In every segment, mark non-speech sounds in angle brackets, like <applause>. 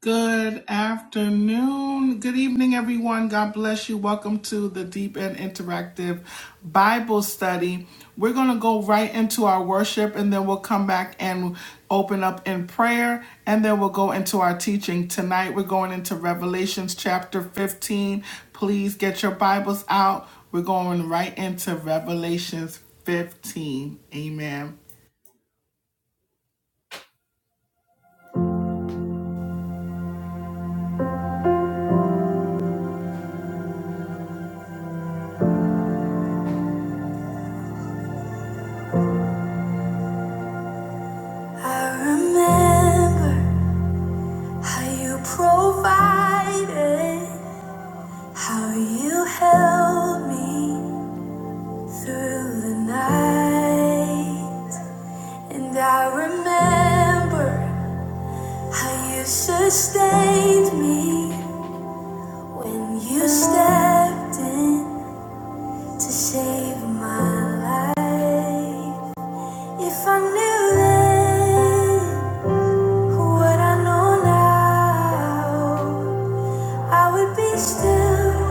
Good afternoon. Good evening, everyone. God bless you. Welcome to the Deep and Interactive Bible Study. We're going to go right into our worship and then we'll come back and open up in prayer and then we'll go into our teaching. Tonight, we're going into Revelations chapter 15. Please get your Bibles out. We're going right into Revelations 15. Amen. I remember. How you provided, how you held me through the night. And I remember how you sustained me when you stepped in to save my life. If I knew then what I know now. I would be still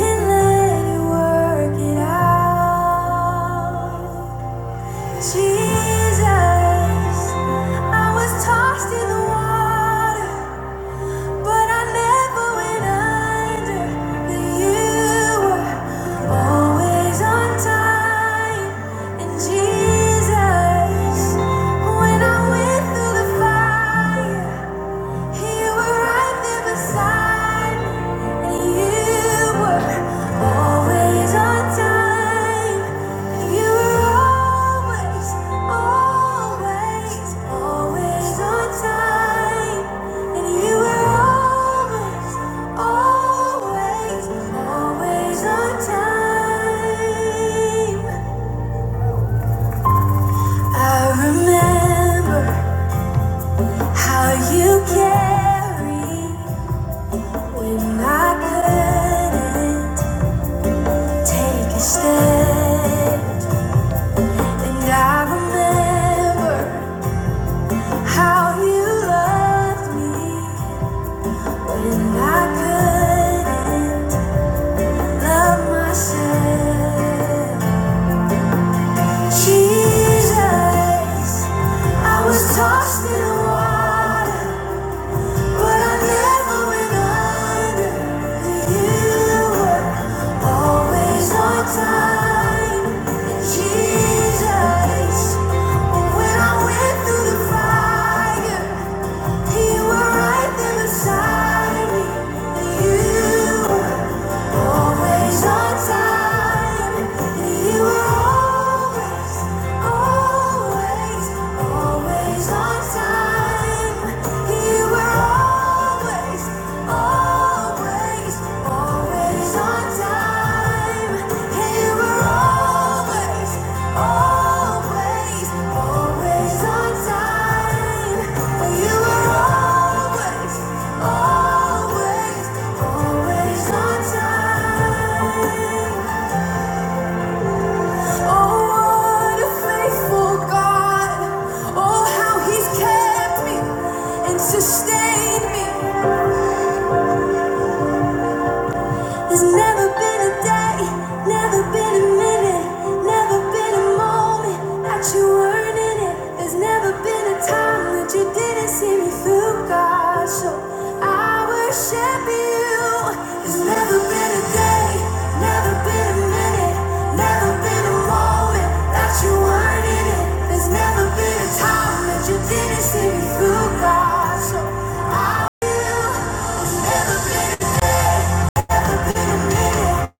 and let you work it out. Jesus, I was tossed in the water, but I never went under. That you were always on time. And Jesus, when I went through the fire, you were right there beside. me. I remember how you carried when I couldn't take a step. And I remember how you loved me when I couldn't love myself. Jesus, I was tossed in the water, but I never went under. You were always on time, And Jesus. When I went through the fire. Always, always, always. Sustained me. There's never been a day, never been a minute, never been a moment that you weren't in it. There's never been a time that you didn't see me through, God. So I worship you. There's never been a day, never been a minute, never been a moment that you weren't in it. There's never been a time that you didn't see me through, God. So I will. There's never been a day. Worship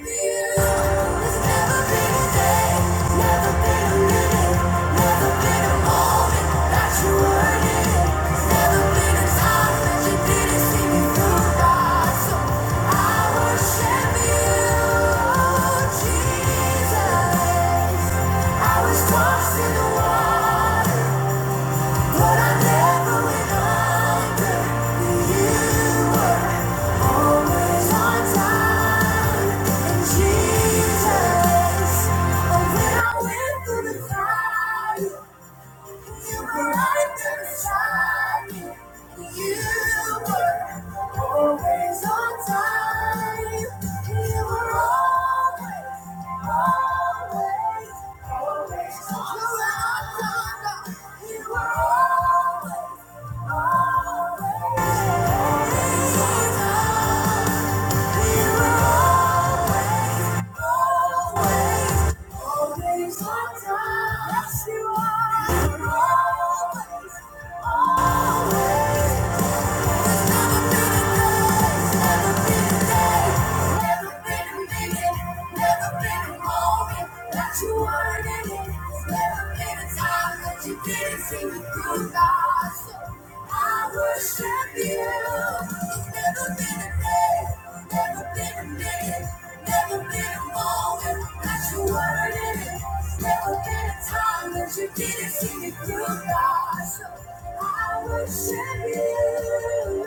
you. There's never been a day, never been a minute. Lost in the water, but I never went under. You were always on time. Jesus, when I went through the fire, you were right there beside me. You were always on time. You were always, always, always on time. You were always, always, always on time. You were always. Always, always on time. Yes, you are. You're always, always. Never been a day, never been a day, never been a minute, never been a moment that you weren't in it. There's never been a time that you didn't see me through, God. So I worship you. There's never been a day. Never been dead, never been wrong, and got your word in it. Never been a time that you didn't see me through, God. So I worship you.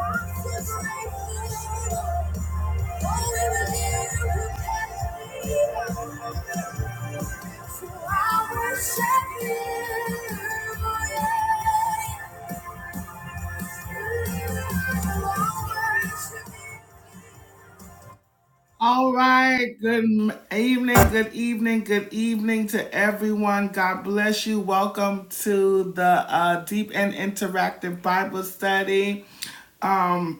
I'm so grateful. Only with you, you all right, good evening, good evening, good evening to everyone. God bless you. Welcome to the uh, Deep and Interactive Bible Study. Um,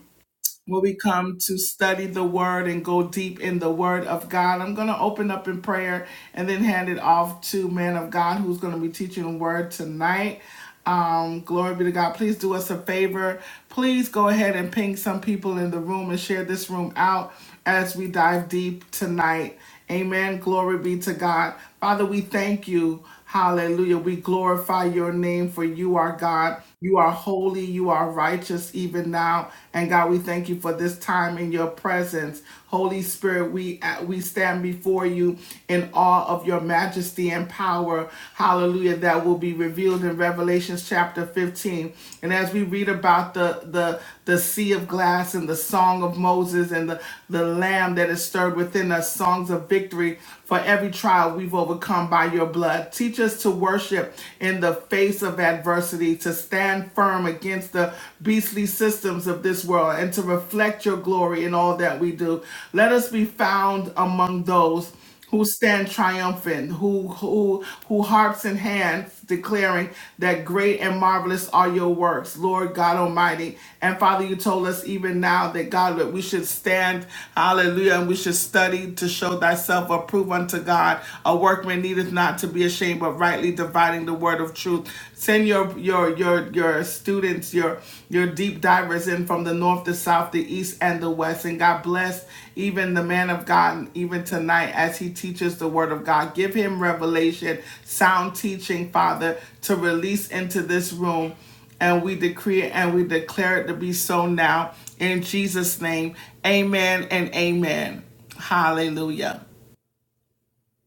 when we come to study the word and go deep in the word of God. I'm going to open up in prayer and then hand it off to man of God who's going to be teaching the word tonight. Um, glory be to God. Please do us a favor. Please go ahead and ping some people in the room and share this room out as we dive deep tonight Amen. Glory be to God. Father, we thank you. Hallelujah. We glorify your name for you are God. You are holy. You are righteous even now. And God, we thank you for this time in your presence. Holy Spirit, we uh, we stand before you in awe of your majesty and power. Hallelujah. That will be revealed in Revelations chapter 15. And as we read about the the the sea of glass and the song of Moses and the, the lamb that is stirred within us, songs of victory for every trial we've overcome by your blood. Teach us to worship in the face of adversity, to stand firm against the beastly systems of this world, and to reflect your glory in all that we do. Let us be found among those who stand triumphant, who who who harps in hands, declaring that great and marvelous are your works, Lord God Almighty. And Father, you told us even now that God that we should stand, hallelujah, and we should study to show thyself approved unto God. A workman needeth not to be ashamed, but rightly dividing the word of truth. Send your your your your students it's your your deep divers in from the north, the south, the east, and the west. And God bless even the man of God, even tonight as he teaches the word of God. Give him revelation, sound teaching, Father, to release into this room. And we decree it and we declare it to be so now. In Jesus' name, amen and amen. Hallelujah.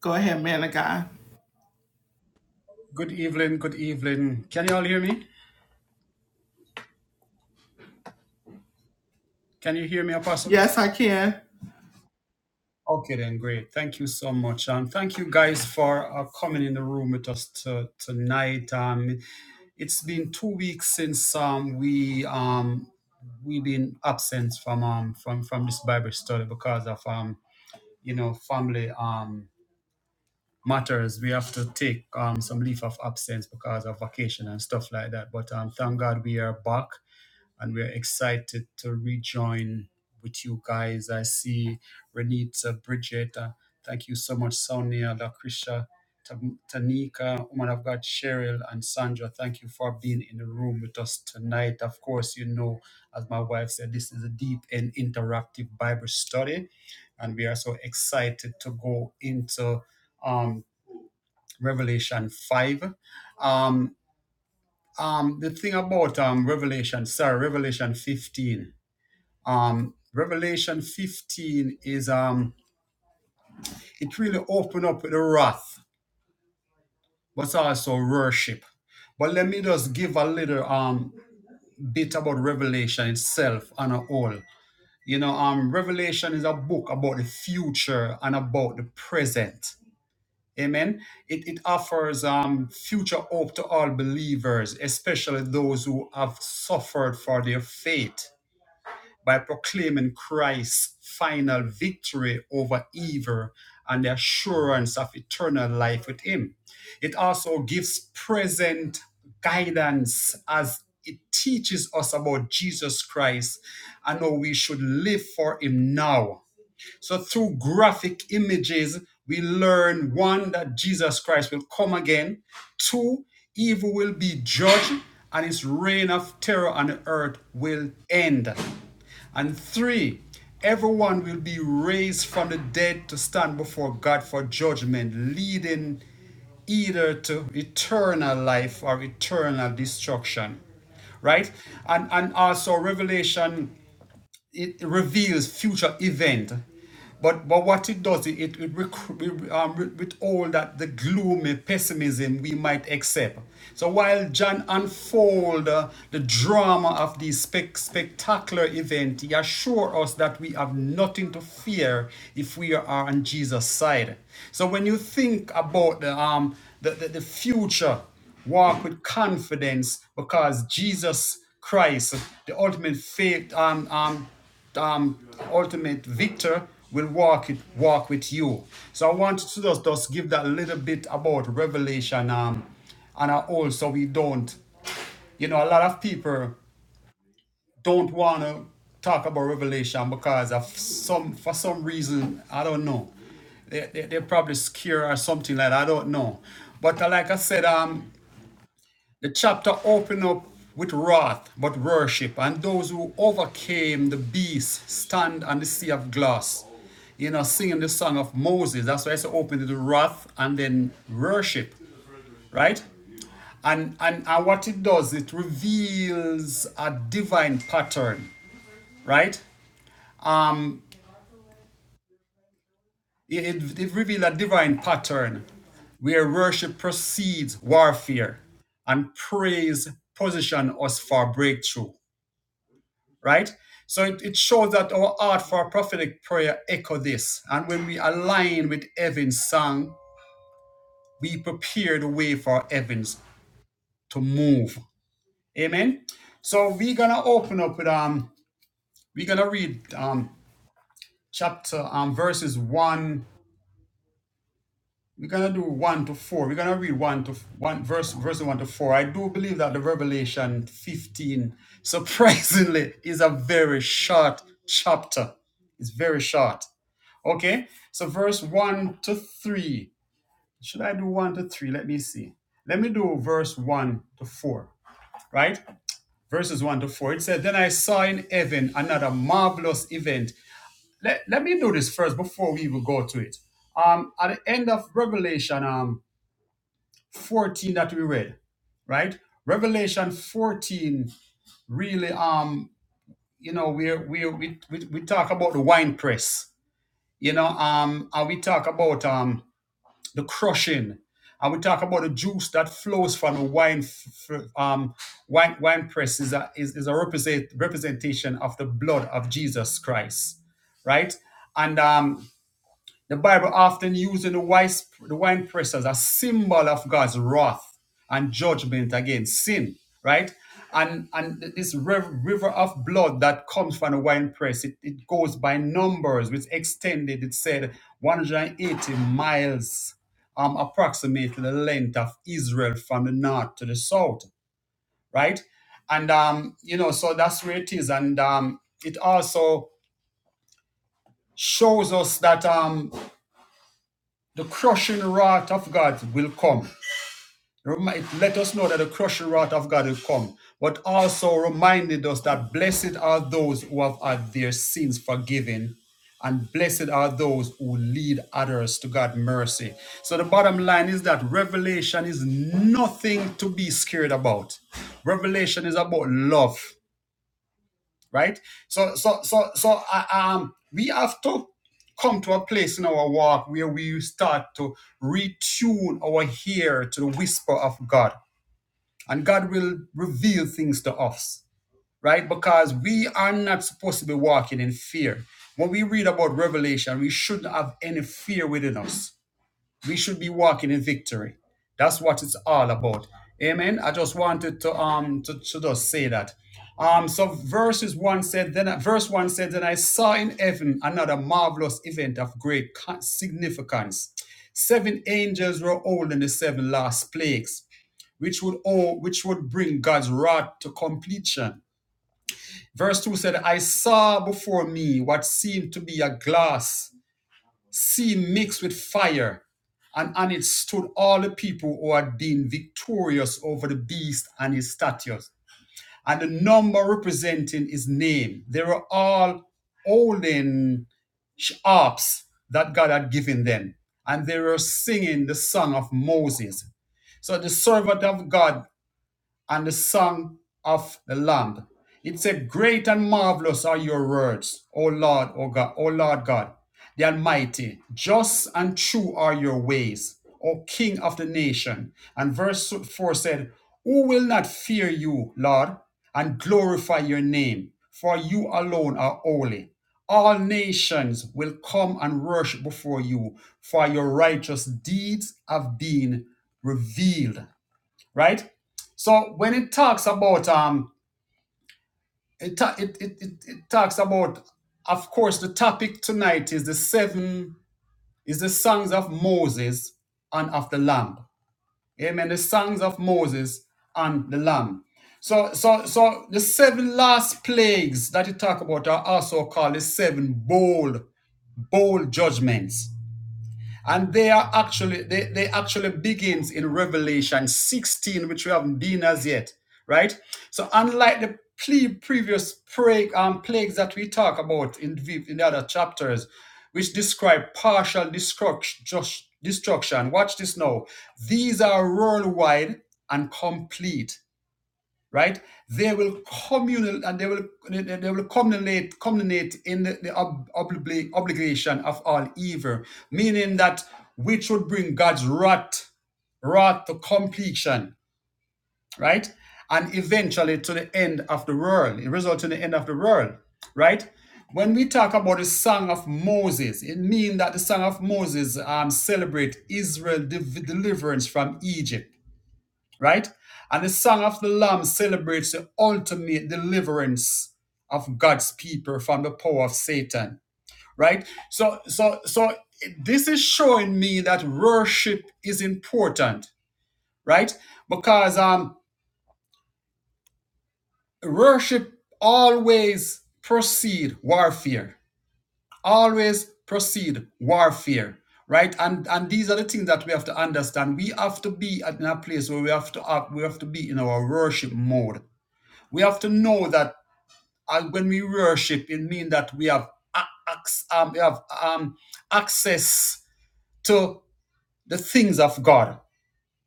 Go ahead, man of God. Good evening, good evening. Can you all hear me? Can you hear me, Apostle? Yes, I can. Okay, then, great. Thank you so much. And thank you guys for uh, coming in the room with us to, tonight. Um, it's been two weeks since um, we, um, we've been absent from, um, from, from this Bible study because of, um, you know, family um, matters. We have to take um, some leave of absence because of vacation and stuff like that. But um, thank God we are back and we're excited to rejoin with you guys. I see Renita, Bridget, uh, thank you so much, Sonia, Lakrisha, Tam- Tanika, woman of God, Cheryl, and Sandra. Thank you for being in the room with us tonight. Of course, you know, as my wife said, this is a deep and interactive Bible study, and we are so excited to go into um, Revelation 5. Um, um, the thing about um, Revelation, sorry, Revelation 15. Um, Revelation 15 is um, it really opened up the wrath, but also worship. But let me just give a little um bit about Revelation itself and a all. You know, um, Revelation is a book about the future and about the present. Amen. It, it offers um, future hope to all believers, especially those who have suffered for their faith. by proclaiming Christ's final victory over evil and the assurance of eternal life with Him. It also gives present guidance as it teaches us about Jesus Christ and how we should live for Him now. So through graphic images, we learn one that Jesus Christ will come again, two, evil will be judged, and his reign of terror on earth will end. And three, everyone will be raised from the dead to stand before God for judgment, leading either to eternal life or eternal destruction. Right? And and also Revelation it reveals future event. But, but what it does, it, it, rec- um, with all that the gloomy pessimism we might accept. So while John unfolds uh, the drama of this spec- spectacular event, he assures us that we have nothing to fear if we are on Jesus' side. So when you think about the, um, the, the, the future, Walk with confidence because Jesus Christ, the ultimate faith, um, um, um, ultimate victor, will walk it walk with you. So I want to just, just give that little bit about Revelation, um, and I also we don't, you know, a lot of people don't want to talk about Revelation because of some for some reason I don't know they, they, they're probably scared or something like that. I don't know. But uh, like I said, um, the chapter opened up with wrath but worship, and those who overcame the beast stand on the sea of glass. You know, singing the song of Moses. That's why it's opened with wrath and then worship, right? And, and and what it does, it reveals a divine pattern, right? Um, it, it, it reveals a divine pattern where worship precedes warfare and praise position us for breakthrough. right? So it, it shows that our art for our prophetic prayer echo this. And when we align with heaven's song, we prepare the way for heavens to move. Amen. So we're gonna open up with um we're gonna read um chapter um verses one. We're gonna do one to four. We're gonna read one to one verse verse one to four. I do believe that the Revelation 15 surprisingly is a very short chapter. It's very short. Okay, so verse 1 to 3. Should I do 1 to 3? Let me see. Let me do verse 1 to 4, right? Verses 1 to 4. It said, Then I saw in heaven another marvelous event. Let, let me do this first before we will go to it. Um, at the end of Revelation um, 14 that we read, right? Revelation 14 really, um, you know, we we we, we, we talk about the wine press, you know, um, and we talk about um, the crushing, and we talk about the juice that flows from the wine, um, wine, wine press is a, is, is a represent, representation of the blood of Jesus Christ, right? And um, the Bible often uses the wise- wine press as a symbol of God's wrath and judgment against sin, right? And and this river of blood that comes from the wine press, it, it goes by numbers, which extended, it said 180 miles, um, approximately the length of Israel from the north to the south, right? And um, you know, so that's where it is. And um, it also shows us that um. The crushing wrath of God will come. Remi- It Let us know that the crushing wrath of God will come, but also reminded us that blessed are those who have had their sins forgiven, and blessed are those who lead others to God's mercy. So the bottom line is that revelation is nothing to be scared about. Revelation is about love right? So, so, so, so, uh, um, we have to come to a place in our walk where we start to retune our ear to the whisper of God, and God will reveal things to us, right? Because we are not supposed to be walking in fear. When we read about Revelation, we shouldn't have any fear within us we should be walking in victory. That's what it's all about. Amen. I just wanted to um to, to just say that. Um, so verses one said, then verse one said, then I saw in heaven another marvelous event of great co- significance. Seven angels were holding the seven last plagues, which would all which would bring God's wrath to completion. Verse two said, I saw before me what seemed to be a glass sea mixed with fire, and on it stood all the people who had been victorious over the beast and his statues, and the number representing his name. They were all holding harps that God had given them, and they were singing the song of Moses. So the servant of God and the song of the Lamb. It said, Great and marvelous are your words, O Lord, O God, O Lord God, the Almighty. Just and true are your ways, O King of the nation. And verse 4 said, Who will not fear you, Lord, and glorify your name? For you alone are holy. All nations will come and worship before you, for your righteous deeds have been revealed right? So when it talks about um, it ta- it, it, it it talks about, of course, the topic tonight is the seven is the songs of Moses and of the Lamb. Amen. The songs of Moses and the Lamb. So so so the seven last plagues that you talk about are also called the seven bold bold judgments and they are actually they, they actually begins in revelation 16 which we haven't been as yet right so unlike the pre- previous plague, um, plagues that we talk about in the, in the other chapters which describe partial destruct- just- destruction watch this now these are worldwide and complete right? They will communal and they will they will culminate culminate in the, the ob, obli- obligation of all evil, meaning that which would bring God's wrath, wrath to completion, right? And eventually to the end of the world, it results in the end of the world, right? When we talk about the Song of Moses, it means that the Song of Moses um, celebrate Israel's deliverance from Egypt right? And the Song of the Lamb celebrates the ultimate deliverance of God's people from the power of Satan, right? So, so, so this is showing me that worship is important, right? Because um, worship always precede warfare, always precede warfare. Right, and and these are the things that we have to understand. We have to be at in a place where we have to act, we have to be in our worship mode We have to know that uh, when we worship, it means that we have, a- um, we have um, access to the things of God,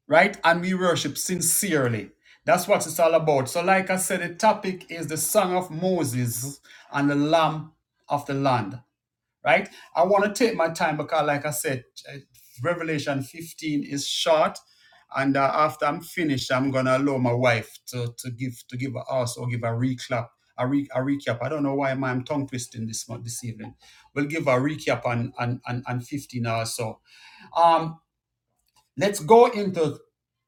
right? And we worship sincerely. That's what it's all about. So, like I said, the topic is the Song of Moses and the Lamb of the Land right? I want to take my time because, like I said, uh, Revelation 15 is short, and uh, after I'm finished, I'm gonna allow my wife to, to give to give a us or give a recap, a, re, a recap. I don't know why man, I'm tongue twisting this month this evening. We'll give a recap on on on, on 15 or so. Um, let's go into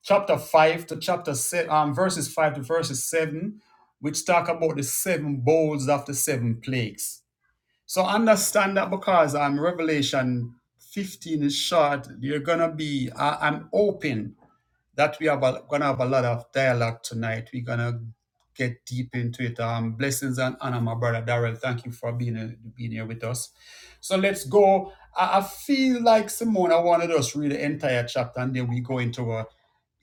chapter five to chapter seven, um, verses five to verses seven, which talk about the seven bowls of the seven plagues so understand that because I'm Revelation 15 is short, you're gonna be. I, I'm hoping that we have a, gonna have a lot of dialogue tonight. We're gonna get deep into it. Um, blessings and honor, my brother Darrell. Thank you for being uh, being here with us. So let's go. I, I feel like Simone. I wanted us read the entire chapter, and then we go into a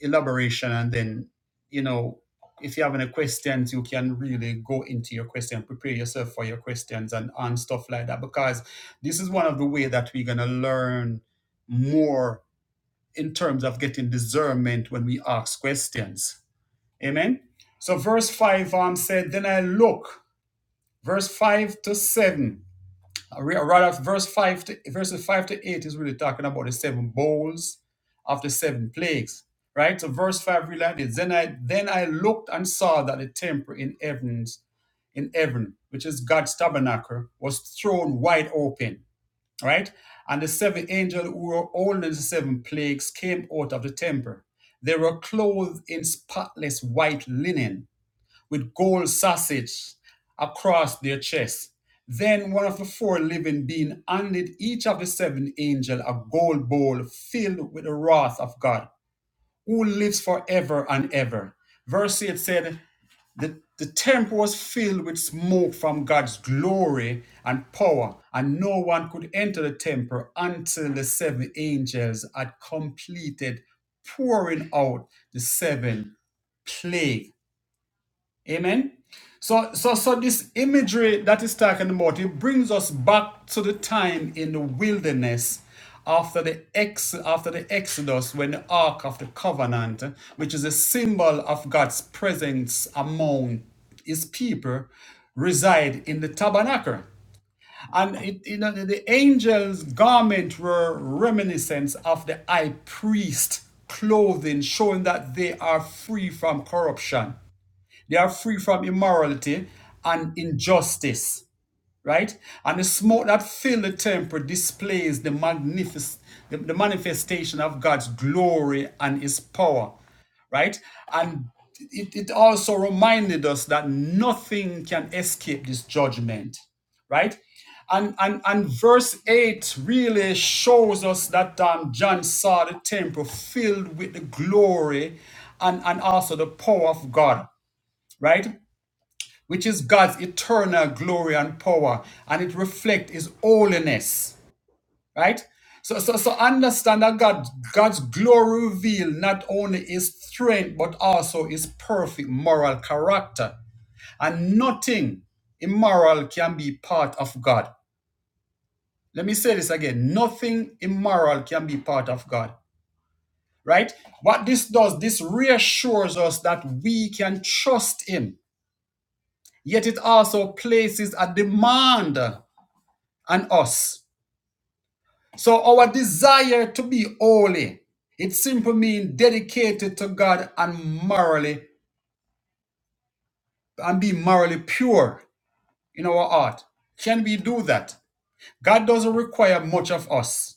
elaboration and then you know if you have any questions you can really go into your question prepare yourself for your questions and and stuff like that because this is one of the way that we're going to learn more in terms of getting discernment when we ask questions amen so verse 5 um said then i look verse 5 to 7 uh, re- Right verse 5 to verses 5 to 8 is really talking about the seven bowls of the seven plagues. Right? So verse 5 related. Then I then I looked and saw that the temple in heavens, in heaven, which is God's tabernacle, was thrown wide open. Right? And the seven angels who were holding the seven plagues came out of the temple. They were clothed in spotless white linen with gold sausage across their chests. Then one of the four living beings handed each of the seven angels a gold bowl filled with the wrath of God, who lives forever and ever. Verse 8 said, the, the temple was filled with smoke from God's glory and power, and no one could enter the temple until the seven angels had completed pouring out the seven plagues. Amen. So, so, so this imagery that is talking about it brings us back to the time in the wilderness after the ex after the Exodus when the Ark of the Covenant, which is a symbol of God's presence among His people, reside in the tabernacle. And it, you know, the angel's garment were reminiscence of the high priest clothing, showing that they are free from corruption. They are free from immorality and injustice, right? And the smoke that fills the temple displays the, magnific- the, the manifestation of God's glory and his power, right? And it, it also reminded us that nothing can escape this judgment, right? And, and, and verse 8 really shows us that um, John saw the temple filled with the glory and, and also the power of God, right? which is God's eternal glory and power, and it reflects His holiness, right? So, so, so understand that God, God's glory reveals not only His strength but also His perfect moral character, and nothing immoral can be part of God. Let me say this again: nothing immoral can be part of God, right? What this does, this reassures us that we can trust Him. Yet it also places a demand and us. So our desire to be holy, it simply means dedicated to God and morally and be morally pure in our heart. Can we do that? God doesn't require much of us.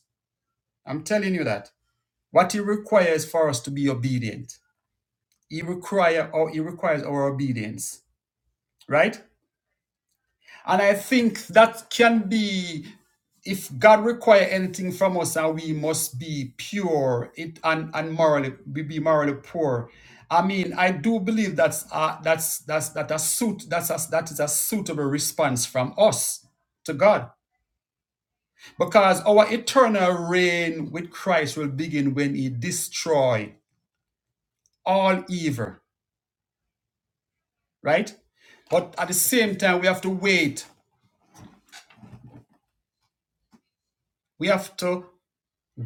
I'm telling you that. What he requires for us to be obedient. He require or he requires our obedience. Right? And I think that can be if God require anything from us and we must be pure it and, and morally we be morally poor. I mean, I do believe that's uh, that's that's that a suit that's a, that is a suitable response from us to God. Because our eternal reign with Christ will begin when he destroy all evil, right? But at the same time, we have to wait. We have to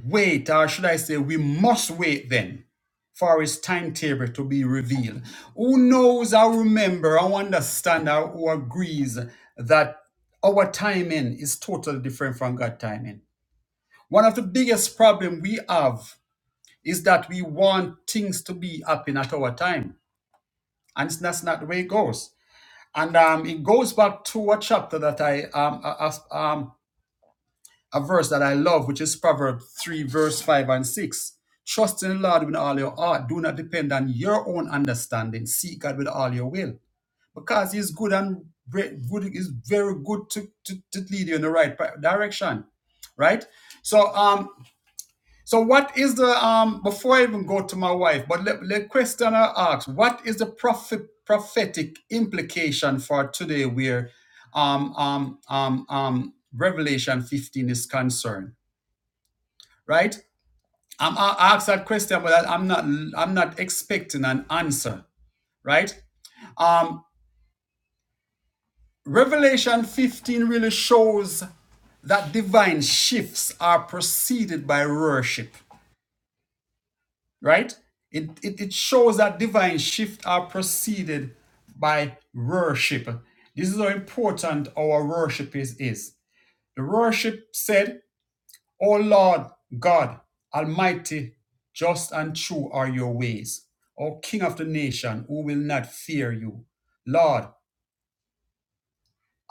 wait, or should I say, we must wait then for his timetable to be revealed. Who knows or remember or understand or who agrees that our timing is totally different from God's timing. One of the biggest problem we have is that we want things to be happening at our time. And that's not the way it goes. And um, it goes back to a chapter that I um, I, um, a verse that I love, which is Proverbs 3, verse 5 and 6. Trust in the Lord with all your heart. Do not depend on your own understanding. Seek God with all your will. Because He is good and good is very good to, to, to lead you in the right direction. Right? So um, so what is the um before I even go to my wife, but let, let question I ask, what is the prophet prophetic implication for today where um um um um Revelation 15 is concerned? right? I'm, I asked that question, but I'm not I'm not expecting an answer, right? Um, Revelation 15 really shows that divine shifts are preceded by worship, right? It, it, it shows that divine shifts are preceded by worship. This is how important our worship is. is. The worship said O Lord God, Almighty, just and true are your ways. O King of the nation, who will not fear you, Lord,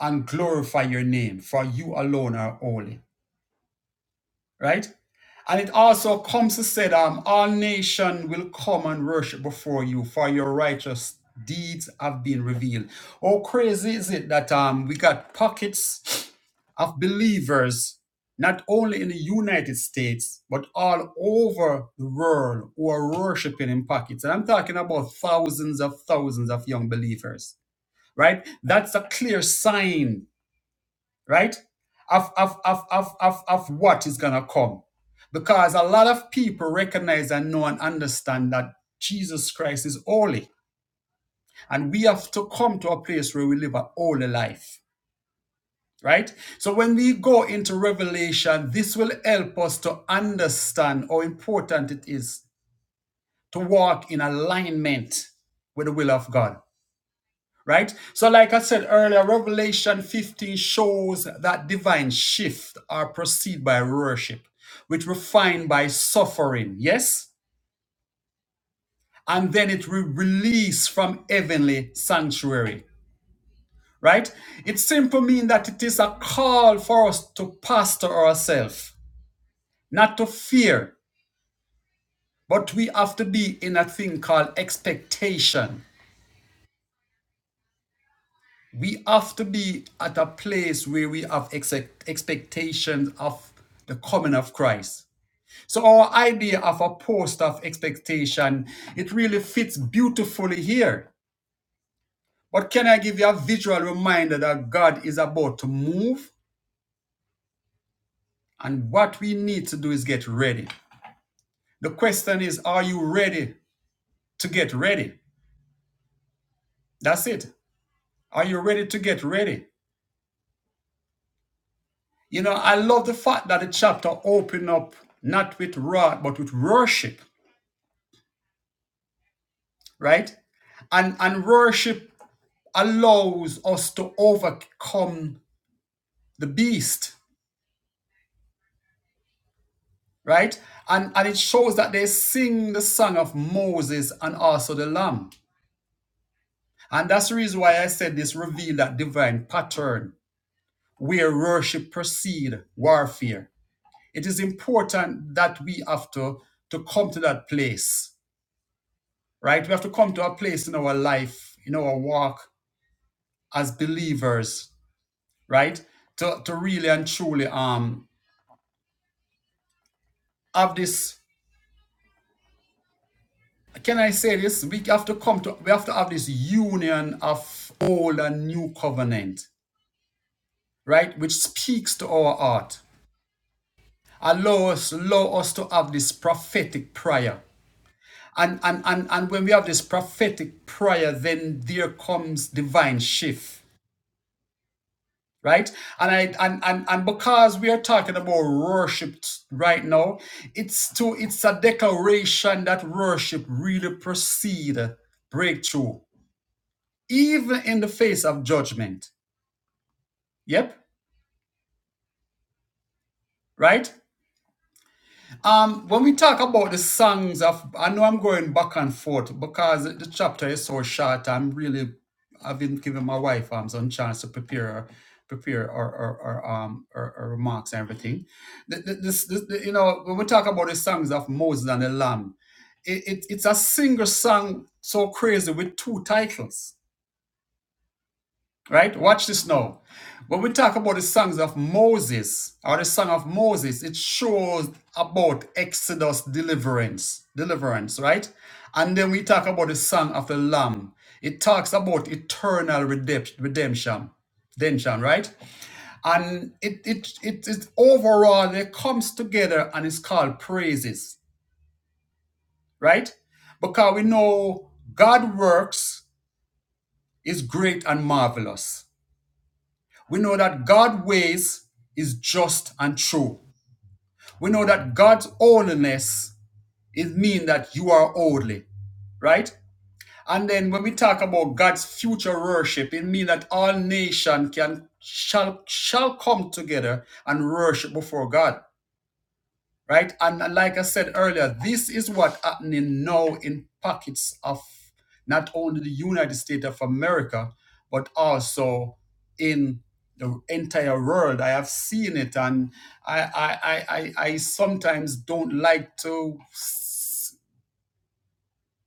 and glorify your name, for you alone are holy. Right? And it also comes to say that um, all nations will come and worship before you, for your righteous deeds have been revealed. How crazy is it that um we got pockets of believers, not only in the United States, but all over the world who are worshiping in pockets. And I'm talking about thousands of thousands of young believers, right? That's a clear sign, right? Of, of, of, of, of, of what is going to come. Because a lot of people recognize and know and understand that Jesus Christ is holy. And we have to come to a place where we live a holy life right? So when we go into Revelation, this will help us to understand how important it is to walk in alignment with the will of God, right? So, like I said earlier, Revelation 15 shows that divine shift are preceded by worship, which refined by suffering, yes? And then it will release from heavenly sanctuary, right? It simply means that it is a call for us to pastor ourselves not to fear, but we have to be in a thing called expectation. We have to be at a place where we have expect- expectations of the coming of Christ. So our idea of a post of expectation, it really fits beautifully here. But can I give you a visual reminder that God is about to move and what we need to do is get ready. The question is, are you ready to get ready? That's it. Are you ready to get ready? You know, I love the fact that the chapter opened up not with wrath, but with worship, right? And and worship allows us to overcome the beast, right? And and it shows that they sing the song of Moses and also the Lamb. And that's the reason why I said this revealed that divine pattern where worship precede warfare. It is important that we have to, to come to that place right? We have to come to a place in our life, in our walk as believers, right? To, to really and truly um have this can I say this? We have to come to we have to have this union of old and new covenant, right? Which speaks to our heart. Allow us, allow us to have this prophetic prayer. And and and, and when we have this prophetic prayer, then there comes divine shift right and i and, and and because we are talking about worship right now it's to it's a declaration that worship really precede breakthrough even in the face of judgment yep right Um, when we talk about the songs of, I know I'm going back and forth because the chapter is so short. I'm really, I've been giving my wife um some chance to prepare, her- prepare or or, um her, her remarks and everything. The, the, this, this, the- you know, when we talk about the songs of Moses and the Lamb, it, it it's a single song so crazy with two titles. Right? Watch this now. When we talk about the songs of Moses or the song of Moses, it shows about Exodus deliverance, deliverance, right? And then we talk about the song of the Lamb. It talks about eternal redemption, redemption, redemption, right? And it it it it overall it comes together and it's called praises, right? Because we know God works is great and marvelous We know that God's ways is just and true. We know that God's holiness it means that you are holy, right? And then when we talk about God's future worship, it means that all nation can shall shall come together and worship before God right? And like I said earlier, this is what happening now in pockets of not only the United States of America, but also in the entire world. I have seen it, and I I I, I, I sometimes don't like to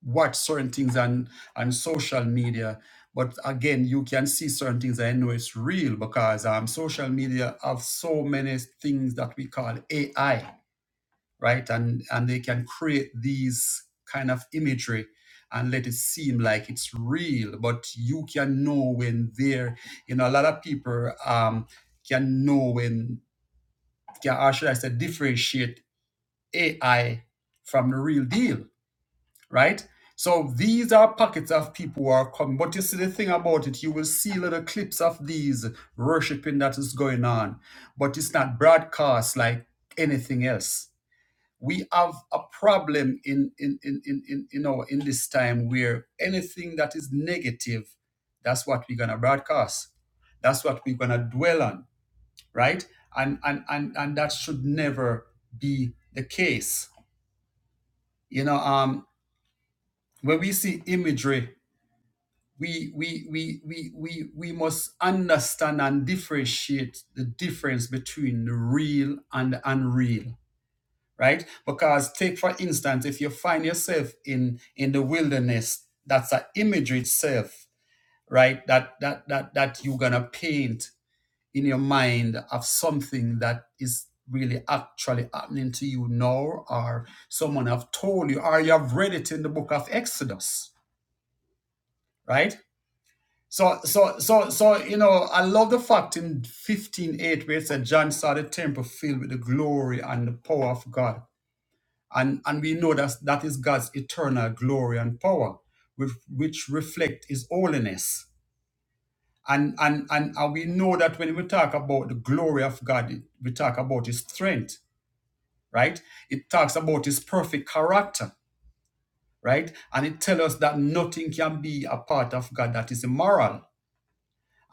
watch certain things on on social media. But again, you can see certain things. I know it's real because um, social media have so many things that we call AI right? And and they can create these kind of imagery and let it seem like it's real, but you can know when they're, you know, a lot of people um, can know when can or should I say differentiate AI from the real deal, right? So these are pockets of people who are coming. But you see the thing about it, you will see little clips of these worshiping that is going on, but it's not broadcast like anything else we have a problem in in in in in, you know in this time where anything that is negative that's what we're gonna broadcast that's what we're gonna dwell on right and and and, and that should never be the case you know um when we see imagery we we we we we we must understand and differentiate the difference between the real and the unreal right? Because take for instance, if you find yourself in in the wilderness, that's an image itself, right? That that that that you're gonna paint in your mind of something that is really actually happening to you now, or someone have told you, or you have read it in the book of Exodus, right? So, so, so, so, you know, I love the fact in 15:8 where it said John saw the temple filled with the glory and the power of God And, and we know that that is God's eternal glory and power, which, which reflect his holiness. And, and, and, and we know that when we talk about the glory of God, we talk about his strength, right? It talks about his perfect character, right? And it tells us that nothing can be a part of God that is immoral.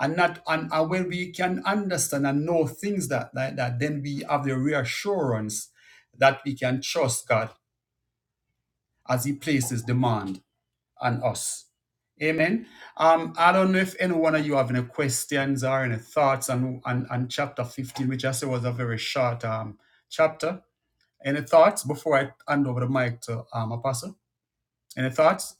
And not and, and when we can understand and know things that, that, that then we have the reassurance that we can trust God as He places demands and us. Amen. Um, I don't know if any one of you have any questions or any thoughts on, on, on chapter 15, which I said was a very short um, chapter. Any thoughts before I hand over the mic to um, Apostle? Any thoughts?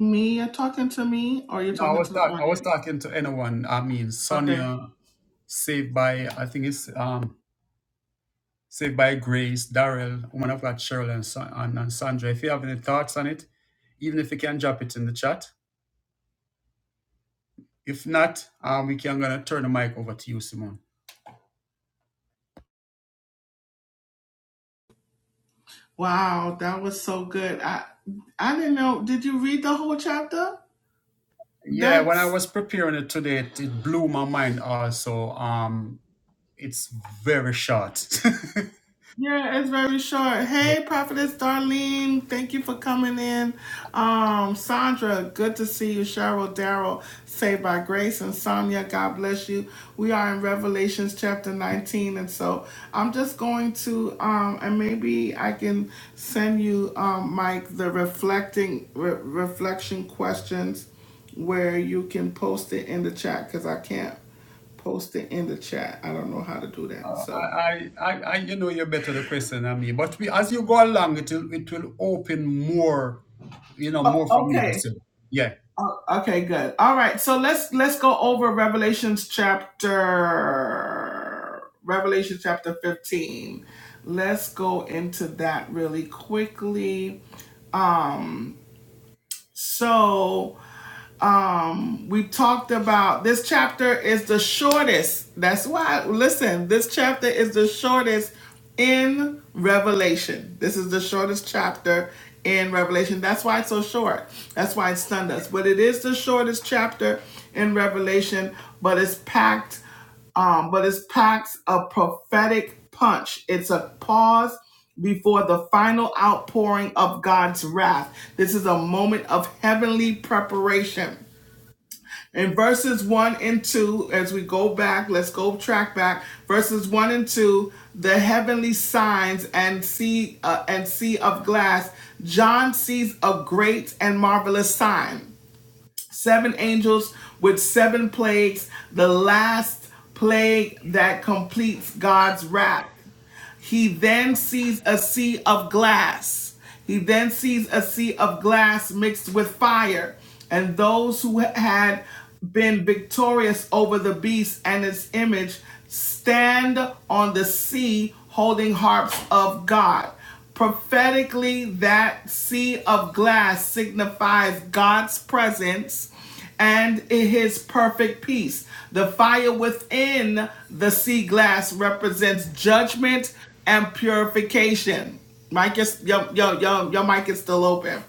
Me, you're talking to me, or you're No, I talking was to the talk- I was audience? talking to anyone. I mean, okay. Sonia, saved by I think it's um, saved by grace. Daryl, woman of God, Cheryl, and, Sa- and and Sandra. If you have any thoughts on it, even if you can drop it in the chat. If not, um, we can gonna turn the mic over to you, Simone. Wow, that was so good. I I didn't know. Did you read the whole chapter? Yeah, when I That's was preparing it today, it, it blew my mind also. Um, it's very short. <laughs> Yeah, it's very short. Yeah. Hey, Prophetess Darlene, thank you for coming in. Um, Sandra, good to see you. Cheryl, Daryl, saved by grace, and Sonia, God bless you. We are in Revelations chapter 19, and so I'm just going to, um, and maybe I can send you, um, Mike, the reflecting re- reflection questions where you can post it in the chat because I can't post it in the chat. I don't know how to do that. Uh, I, So, I, I, I- you know, you're better the question than me. But we, as you go along, it will, it will open more, you know, oh, more for me to okay. say. Yeah. Oh, okay, good. All right, so let's let's go over Revelations chapter Revelation chapter 15. Let's go into that really quickly. So we talked about this chapter is the shortest. That's why, listen, this chapter is the shortest in Revelation. This is the shortest chapter in Revelation. That's why it's so short. That's why it stunned us. But it is the shortest chapter in Revelation, but it's packed um, but it's packed a prophetic punch. It's a pause before the final outpouring of God's wrath. This is a moment of heavenly preparation. In verses 1 and 2, as we go back, let's go track back. Verses 1 and 2, the heavenly signs and sea uh, and sea of glass, John sees a great and marvelous sign. Seven angels with seven plagues, the last plague that completes God's wrath. He then sees a sea of glass. He then sees a sea of glass mixed with fire, and those who had been victorious over the beast and its image stand on the sea holding harps of God. Prophetically, that sea of glass signifies God's presence and in his perfect peace. The fire within the sea glass represents judgment and purification. Mike is yo yo yo your mic is still open.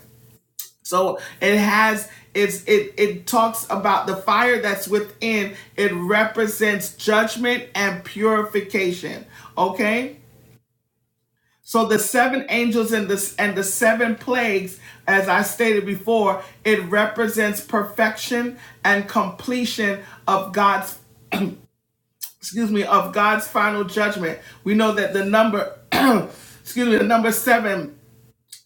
So it has it's it it talks about the fire that's within. It represents judgment and purification. Okay? So the seven angels and the and the seven plagues, as I stated before, it represents perfection and completion of God's excuse me of God's final judgment. We know that the number <clears throat> excuse me the number seven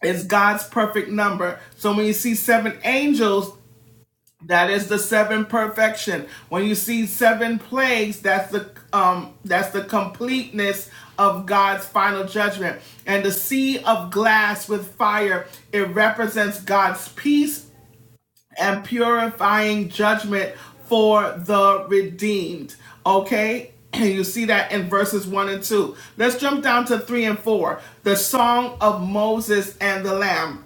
is God's perfect number. So when you see seven angels that is the seven perfection. When you see seven plagues, that's the um that's the completeness of God's final judgment. And the sea of glass with fire, it represents God's peace and purifying judgment for the redeemed. Okay? <clears throat> And you see that in verses 1 and 2. Let's jump down to 3 and 4. The song of Moses and the Lamb.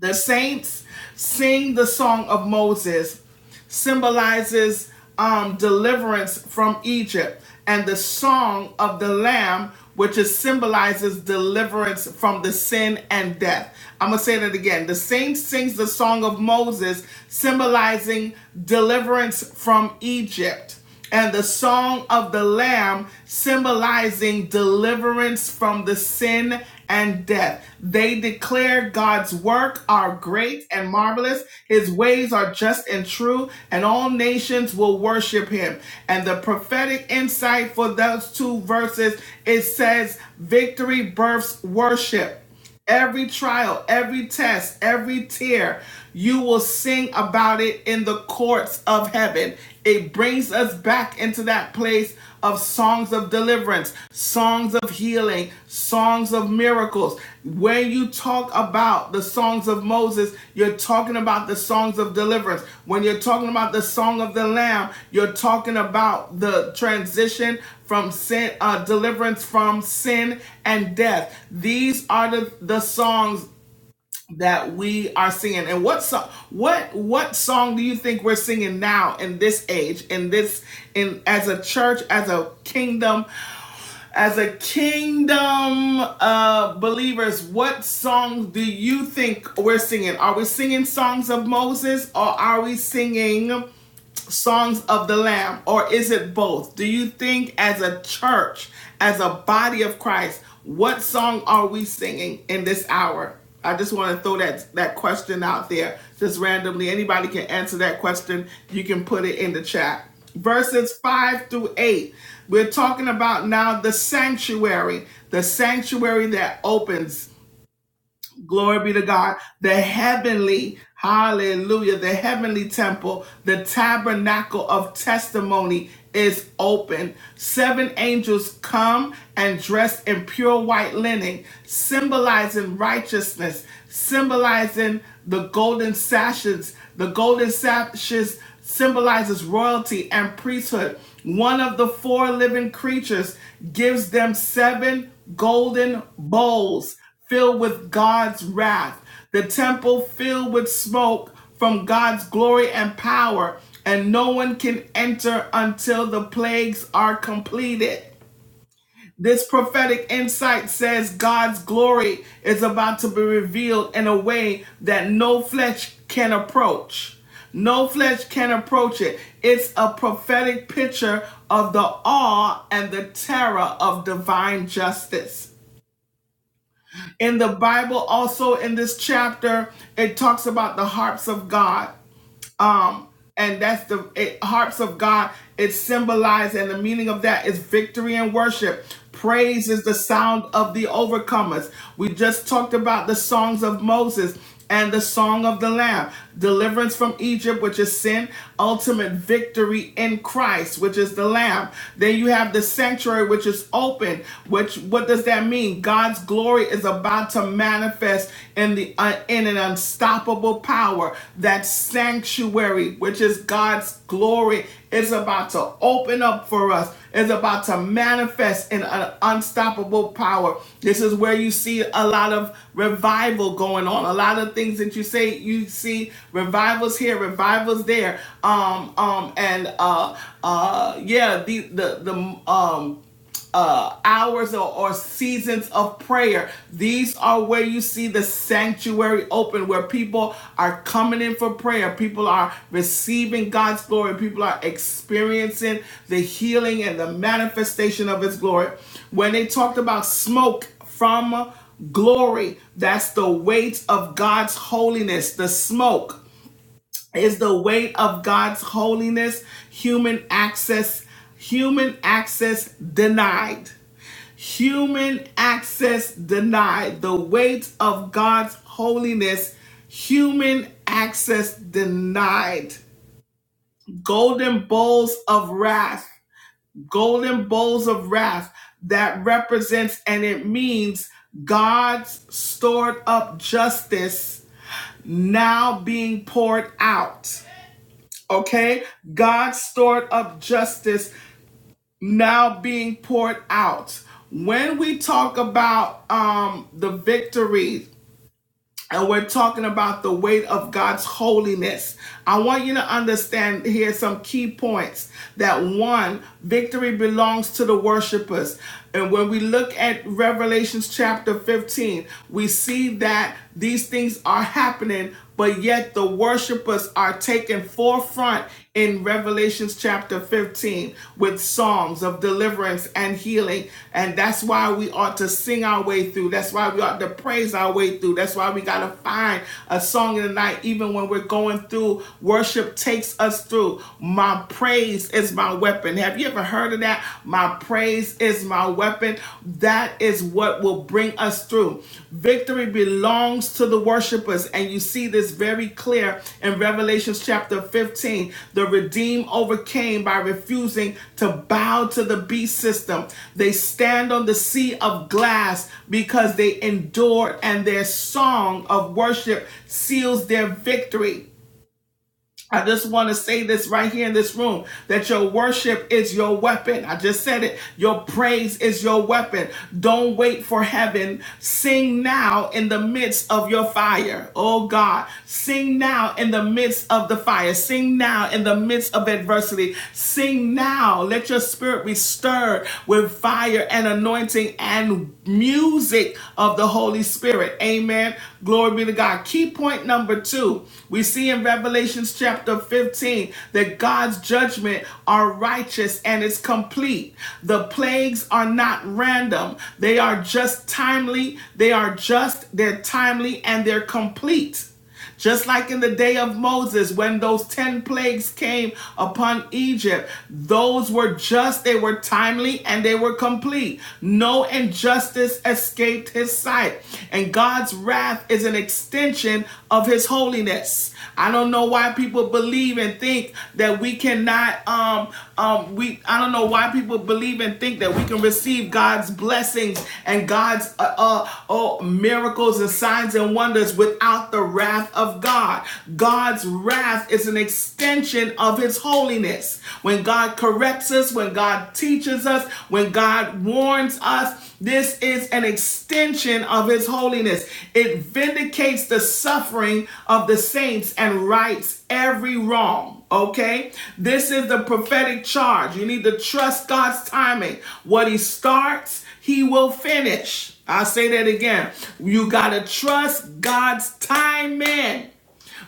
The saints sing the song of Moses, symbolizes um, deliverance from Egypt, and the song of the Lamb, which is symbolizes deliverance from the sin and death. I'm gonna say that again. The saint sings the song of Moses, symbolizing deliverance from Egypt and the song of the Lamb symbolizing deliverance from the sin and death. They declare God's work are great and marvelous, his ways are just and true, and all nations will worship him. And the prophetic insight for those two verses it says, Victory births worship. Every trial, every test, every tear, you will sing about it in the courts of heaven. It brings us back into that place of songs of deliverance, songs of healing, songs of miracles. When you talk about the songs of Moses, you're talking about the songs of deliverance. When you're talking about the song of the Lamb, you're talking about the transition from sin, uh, deliverance from sin and death. These are the, the songs that we are singing. And what song? What what song do you think we're singing now in this age, in this in as a church, as a kingdom, as a kingdom uh, believers? What songs do you think we're singing? Are we singing songs of Moses, or are we singing? songs of the Lamb, or is it both? Do you think, as a church, as a body of Christ, what song are we singing in this hour? I just want to throw that that question out there, just randomly. Anybody can answer that question. You can put it in the chat. Verses five through eight. We're talking about now the sanctuary, the sanctuary that opens. Glory be to God. The heavenly, hallelujah, the heavenly temple, the tabernacle of testimony is open. Seven angels come and dressed in pure white linen, symbolizing righteousness, symbolizing the golden sashes. The golden sashes symbolizes royalty and priesthood. One of the four living creatures gives them seven golden bowls filled with God's wrath, the temple filled with smoke from God's glory and power, and no one can enter until the plagues are completed. This prophetic insight says God's glory is about to be revealed in a way that no flesh can approach. No flesh can approach it. It's a prophetic picture of the awe and the terror of divine justice. In the Bible, also in this chapter, it talks about the harps of God. And that's the it, harps of God. It's symbolized, and the meaning of that is victory and worship. Praise is the sound of the overcomers. We just talked about the songs of Moses and the song of the Lamb. Deliverance from Egypt, which is sin. Ultimate victory in Christ, which is the Lamb. Then you have the sanctuary, which is open. Which what does that mean? God's glory is about to manifest manifest in the uh, in an unstoppable power. That sanctuary, which is God's glory, is about to open up for us. Is about to manifest in an unstoppable power. This is where you see a lot of revival going on. A lot of things that you say you see revivals here, revivals there. Um, um, and uh, uh, yeah, the the the um uh, hours or, or seasons of prayer. These are where you see the sanctuary open, where people are coming in for prayer. People are receiving God's glory. People are experiencing the healing and the manifestation of His glory. When they talked about smoke from glory, that's the weight of God's holiness, the smoke is the weight of God's holiness, human access, human access denied. Human access denied. The weight of God's holiness, human access denied. Golden bowls of wrath, golden bowls of wrath that represents and it means God's stored up justice now being poured out Okay? God's stored up justice now being poured out. When we talk about um, the victory and we're talking about the weight of God's holiness, I want you to understand here some key points that one, victory belongs to the worshipers. And when we look at Revelations chapter 15, we see that these things are happening but yet the worshipers are taken forefront in Revelations chapter 15 with psalms of deliverance and healing. And that's why we ought to sing our way through. That's why we ought to praise our way through. That's why we got to find a song in the night, even when we're going through. Worship takes us through. My praise is my weapon. Have you ever heard of that? My praise is is my weapon. That is what will bring us through. Victory belongs to the worshipers. And you see this very clear in Revelation chapter 15. The redeemed overcame by refusing to bow to the beast system. They stand on the sea of glass because they endured, and their song of worship seals their victory. I just want to say this right here in this room that your worship is your weapon. I just said it. Your praise is your weapon. Don't wait for heaven. Sing now in the midst of your fire. Oh God, sing now in the midst of the fire. Sing now in the midst of adversity. Sing now. Let your spirit be stirred with fire and anointing and music of the Holy Spirit. Amen. Glory be to God. Key point number two, we see in Revelations chapter 15 that God's judgment are righteous and it's complete. The plagues are not random. They are just timely. They are just, they're timely, and they're complete. Just like in the day of Moses, when those 10 plagues came upon Egypt, those were just, they were timely, and they were complete. No injustice escaped his sight. And God's wrath is an extension of his holiness. I don't know why people believe and think that we cannot um um we I don't know why people believe and think that we can receive God's blessings and God's uh, uh oh miracles and signs and wonders without the wrath of God. God's wrath is an extension of his holiness. When God corrects us, when God teaches us, when God warns us, this is an extension of his holiness. It vindicates the suffering of the saints and rights every wrong. Okay? This is the prophetic charge. You need to trust God's timing. What he starts, he will finish. I'll say that again. You got to trust God's timing.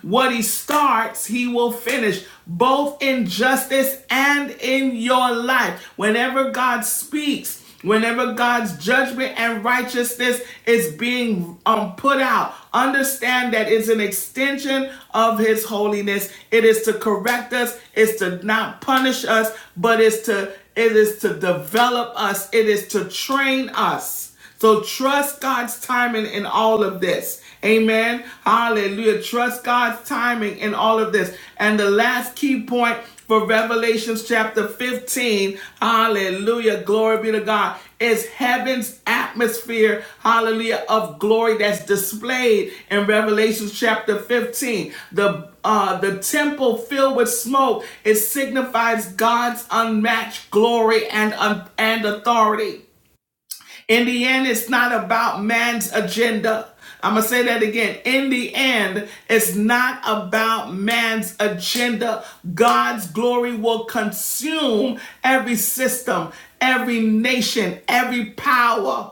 What he starts, he will finish, both in justice and in your life. Whenever God speaks, whenever God's judgment and righteousness is being um, put out, understand that it's an extension of his holiness. It is to correct us, it's to not punish us, but it's to it is to develop us, it is to train us. So trust God's timing in all of this. Amen. Hallelujah. Trust God's timing in all of this. And the last key point for Revelations chapter 15. Hallelujah. Glory be to God. Is heaven's atmosphere, hallelujah, of glory that's displayed in Revelations chapter 15. The uh, the temple filled with smoke, it signifies God's unmatched glory and, uh, and authority. In the end, it's not about man's agenda. I'm going to say that again. In the end, it's not about man's agenda. God's glory will consume every system, every nation, every power.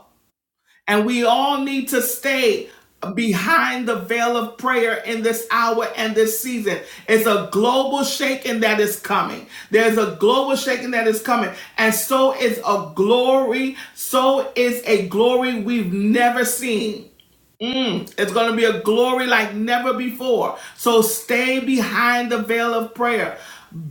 And we all need to stay behind the veil of prayer in this hour and this season. It's a global shaking that is coming. There's a global shaking that is coming. And so is a glory. So is a glory we've never seen. It's going to be a glory like never before. So stay behind the veil of prayer.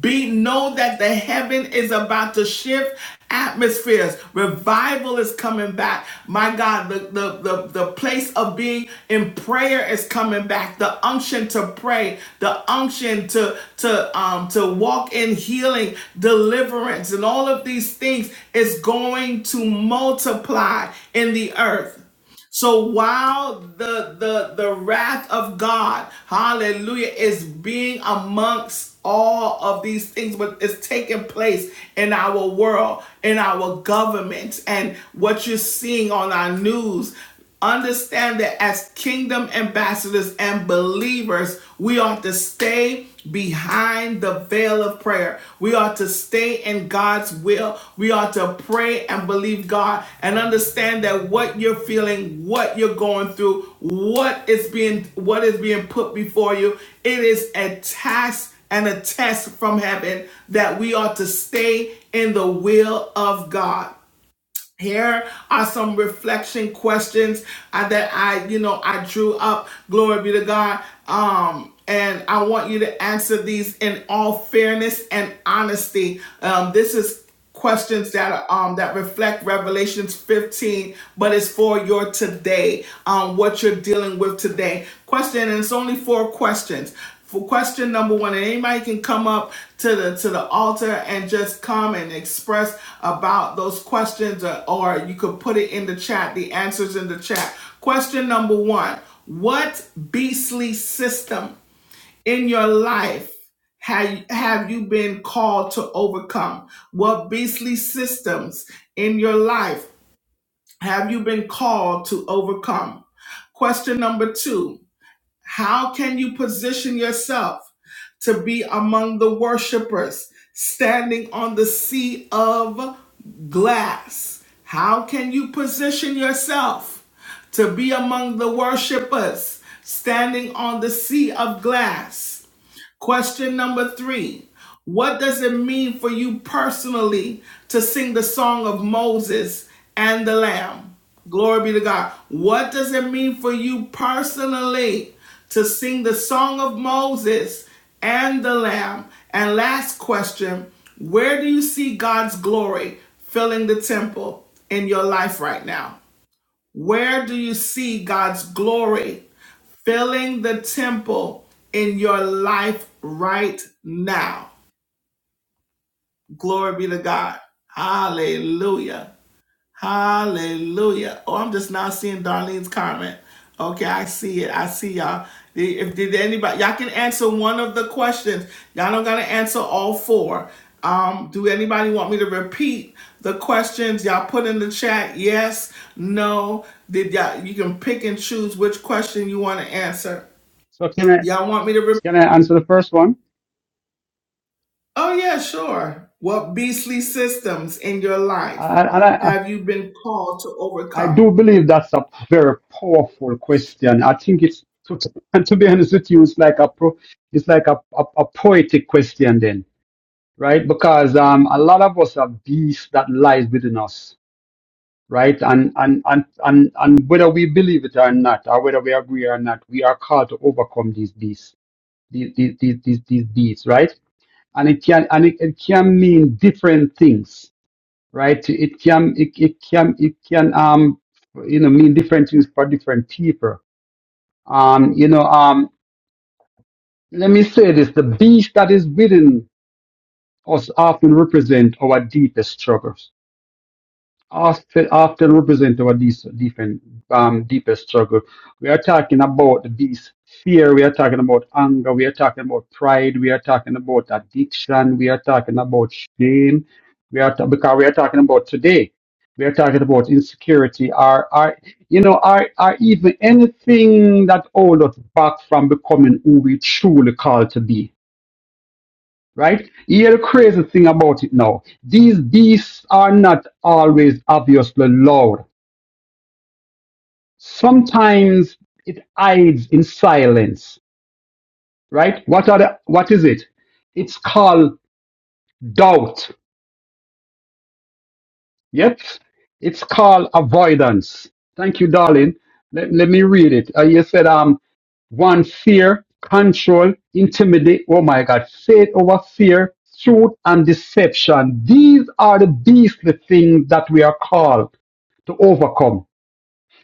Be know that the heaven is about to shift atmospheres. Revival is coming back. My God, the, the, the, the place of being in prayer is coming back. The unction to pray, the unction to to um to walk in healing, deliverance, and all of these things is going to multiply in the earth. So while the the the wrath of God, hallelujah, is being amongst all of these things what is taking place in our world, in our government, and what you're seeing on our news, understand that as kingdom ambassadors and believers, we ought to stay behind the veil of prayer. We are to stay in God's will. We are to pray and believe God and understand that what you're feeling, what you're going through, what is being what is being put before you, it is a task and a test from heaven that we are to stay in the will of God here are some reflection questions uh, that I, you know, I drew up. Glory be to God. Um, and I want you to answer these in all fairness and honesty. Um, this is questions that are, um that reflect Revelations 15, but it's for your today, um, what you're dealing with today. Question, and it's only four questions. For question number one, and anybody can come up to the to the altar and just come and express about those questions or, or you could put it in the chat the answers in the chat question number one what beastly system in your life have, have you been called to overcome what beastly systems in your life have you been called to overcome question number two how can you position yourself to be among the worshipers standing on the sea of glass? How can you position yourself to be among the worshipers standing on the sea of glass? Question number three What does it mean for you personally to sing the song of Moses and the Lamb? Glory be to God. What does it mean for you personally to sing the song of Moses and the Lamb? And last question Where do you see God's glory filling the temple in your life right now? Where do you see God's glory? filling the temple in your life right now. Glory be to God. Hallelujah. Hallelujah. Oh, I'm just now seeing Darlene's comment. Okay, I see it. I see y'all. If did anybody y'all can answer one of the questions. Y'all don't gotta answer all four. Um, do anybody want me to repeat the questions y'all put in the chat? Yes, no. Did y'all you can pick and choose which question you want to answer. So can I Y'all want me to repeat? can I answer the first one? Oh, yeah, sure. What beastly systems in your life I, and I, I have you been called to I do overcome? believe that's a very powerful question. I think it's to, <laughs> and to be honest with you, it's like a pro, it's like a, a, a poetic question. Then right? Because um, a lot of us have beasts that lies within us, right? And and and and and whether we believe it or not, or whether we agree or not, we are called to overcome these beasts, these these these these, these beasts, right? And it can and it, it can mean different things, right? It can it, it can it can um you know mean different things for different people. Um, you know um. Let me say this: the beast that is within us often represent our deepest struggles After, after represent our dis- different, um, deepest struggle. We are talking about this fear, we are talking about anger, we are talking about pride, we are talking about addiction, we are talking about shame, we are ta- because we are talking about today. We are talking about insecurity, or, or you know, or, or even anything that hold us back from becoming who we truly called to be right? Here, the crazy thing about it now. These beasts are not always obviously loud. Sometimes it hides in silence, right? What are the, what is it? It's called doubt. Yep. It's called avoidance. Thank you, darling. Let, let me read it. Uh, you said, um, one, fear, control, intimidate. Oh my God. Faith over fear, truth and deception. These are the beastly things that we are called to overcome,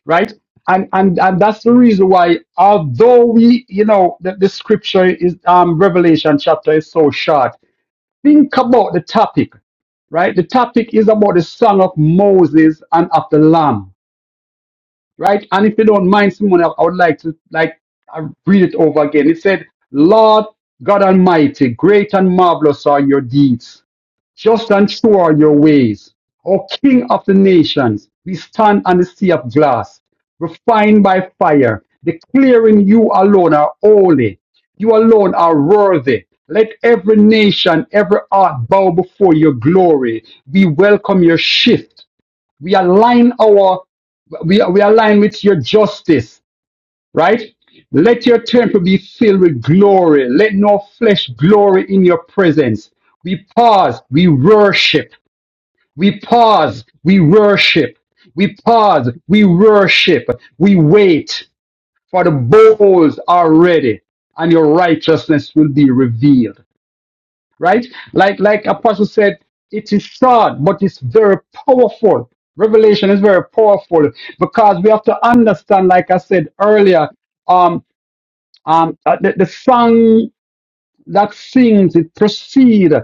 right? And and and that's the reason why, although we, you know, the, the scripture is um Revelation chapter is so short. Think about the topic, right? The topic is about the song of Moses and of the Lamb, right? And if you don't mind, Simone, I I would like to like I read it over again. It said, "Lord God Almighty, great and marvelous are your deeds." Just and true are your ways. O King of the nations, we stand on the sea of glass, refined by fire, declaring you alone are holy. You alone are worthy. Let every nation, every heart bow before your glory. We welcome your shift. We align our we, we align with your justice right? Let your temple be filled with glory. Let no flesh glory in your presence. We pause, we worship. We pause, we worship. We pause, we worship. We wait, for the bowls are ready, and your righteousness will be revealed. Right? Like like Apostle said, it is short, but it's very powerful. Revelation is very powerful because we have to understand, like I said earlier. um. Um, uh, the, the song that sings, it precedes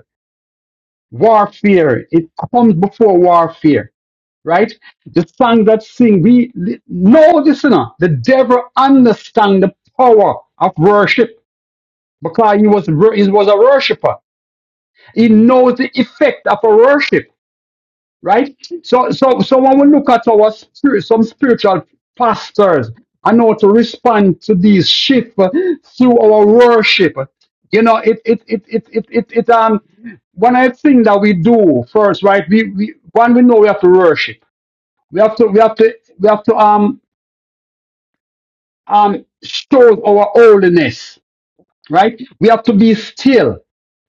warfare. It comes before warfare, right? The song that sing, we, no listener, the devil understands the power of worship because he was, wor- he was a worshiper. He knows the effect of a worship. right? So, so, so when we look at our spirit, some spiritual pastors, and how to respond to these shifts uh, through our worship. You know, it, it, it, it, it, it, it um, one of the things that we do first, right? We, we, one, we know we have to worship. We have to, we have to, we have to, um, um, show our holiness right? We have to be still,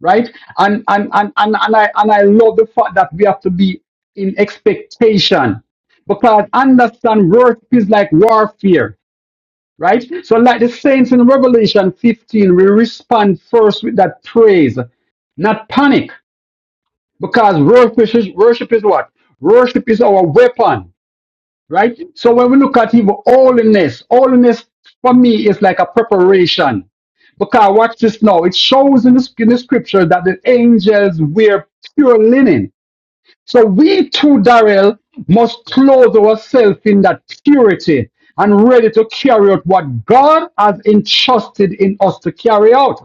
right? And and and and, and I and I love the fact that we have to be in expectation because understand work is like warfare, right? So like the saints in Revelation 15, we respond first with that praise, not panic, because worship is worship is what? Worship is our weapon right? So when we look at even holiness, holiness for me is like a preparation. Because watch this now. It shows in the, in the scripture that the angels wear pure linen. So we too, Darrell, must clothe ourselves in that purity and ready to carry out what God has entrusted in us to carry out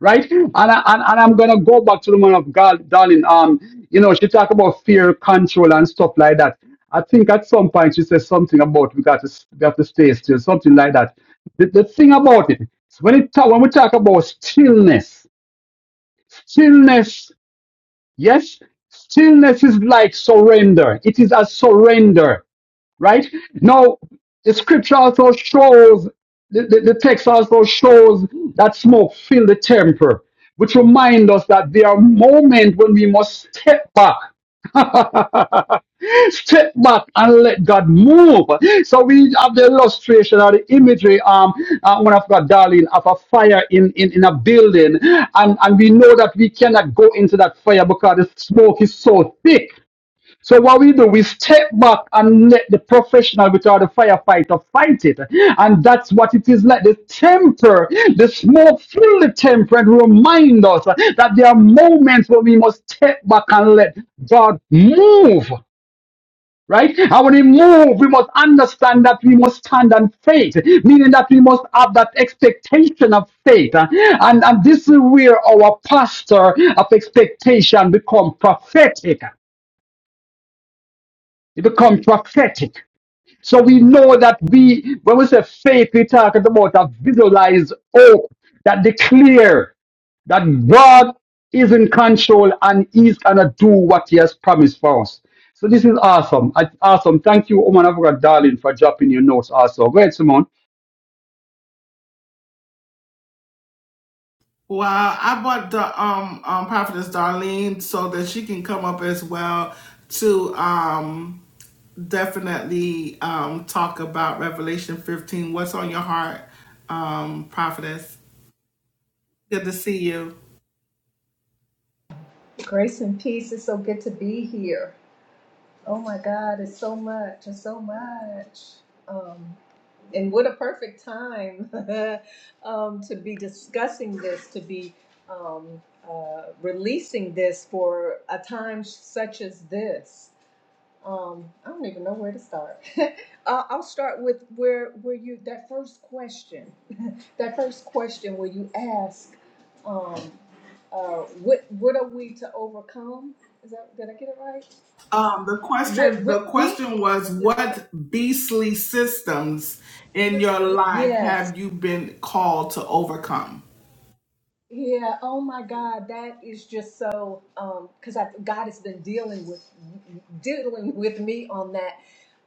right? And, I, and and I'm gonna go back to the man of God, darling. Um, you know, she talked about fear, control, and stuff like that. I think at some point she said something about we got to s- we have to stay still, something like that. The, the thing about it is when it talk, when we talk about stillness, stillness, yes, stillness is like surrender. It is a surrender right? Now, the scripture also shows, the, the, the text also shows that smoke filled the temple, which remind us that there are moments when we must step back. <laughs> step back and let God move. So we have the illustration or the imagery, um, uh, one of God, darling, of a fire in, in, in a building. And, and we know that we cannot go into that fire because the smoke is so thick. So what we do, we step back and let the professional which are the firefighter fight it. And that's what it is like. The temper, the smoke fill the temper and remind us that there are moments when we must step back and let God move. Right? And when he move, we must understand that we must stand on faith, meaning that we must have that expectation of faith. And, and this is where our pastor of expectation become prophetic. It become prophetic So we know that we, when we say faith, we talk about a visualized hope that declare that God is in control and He's gonna do what He has promised for us. So this is awesome. I- Awesome. Thank you, woman of God, darling, for dropping your notes. Also, great, Simone. Well, I bought the um, um prophetess Darlene so that she can come up as well to um definitely um talk about Revelation 15. What's on your heart, um, prophetess? Good to see you. Grace and peace. It's so good to be here. Oh my God, it's so much. It's so much. Um, and what a perfect time <laughs> um, to be discussing this, to be um, uh, releasing this for a time such as this. Um, I don't even know where to start. <laughs> uh, I'll start with where where you that first question that first question where you ask, um, uh, what what are we to overcome? Is that did I get it right? Um, the What question what the question beastly was system? what beastly systems in your system. life Yes. have you been called to overcome? Yeah, oh my God, that is just so um because I God has been dealing with dealing with me on that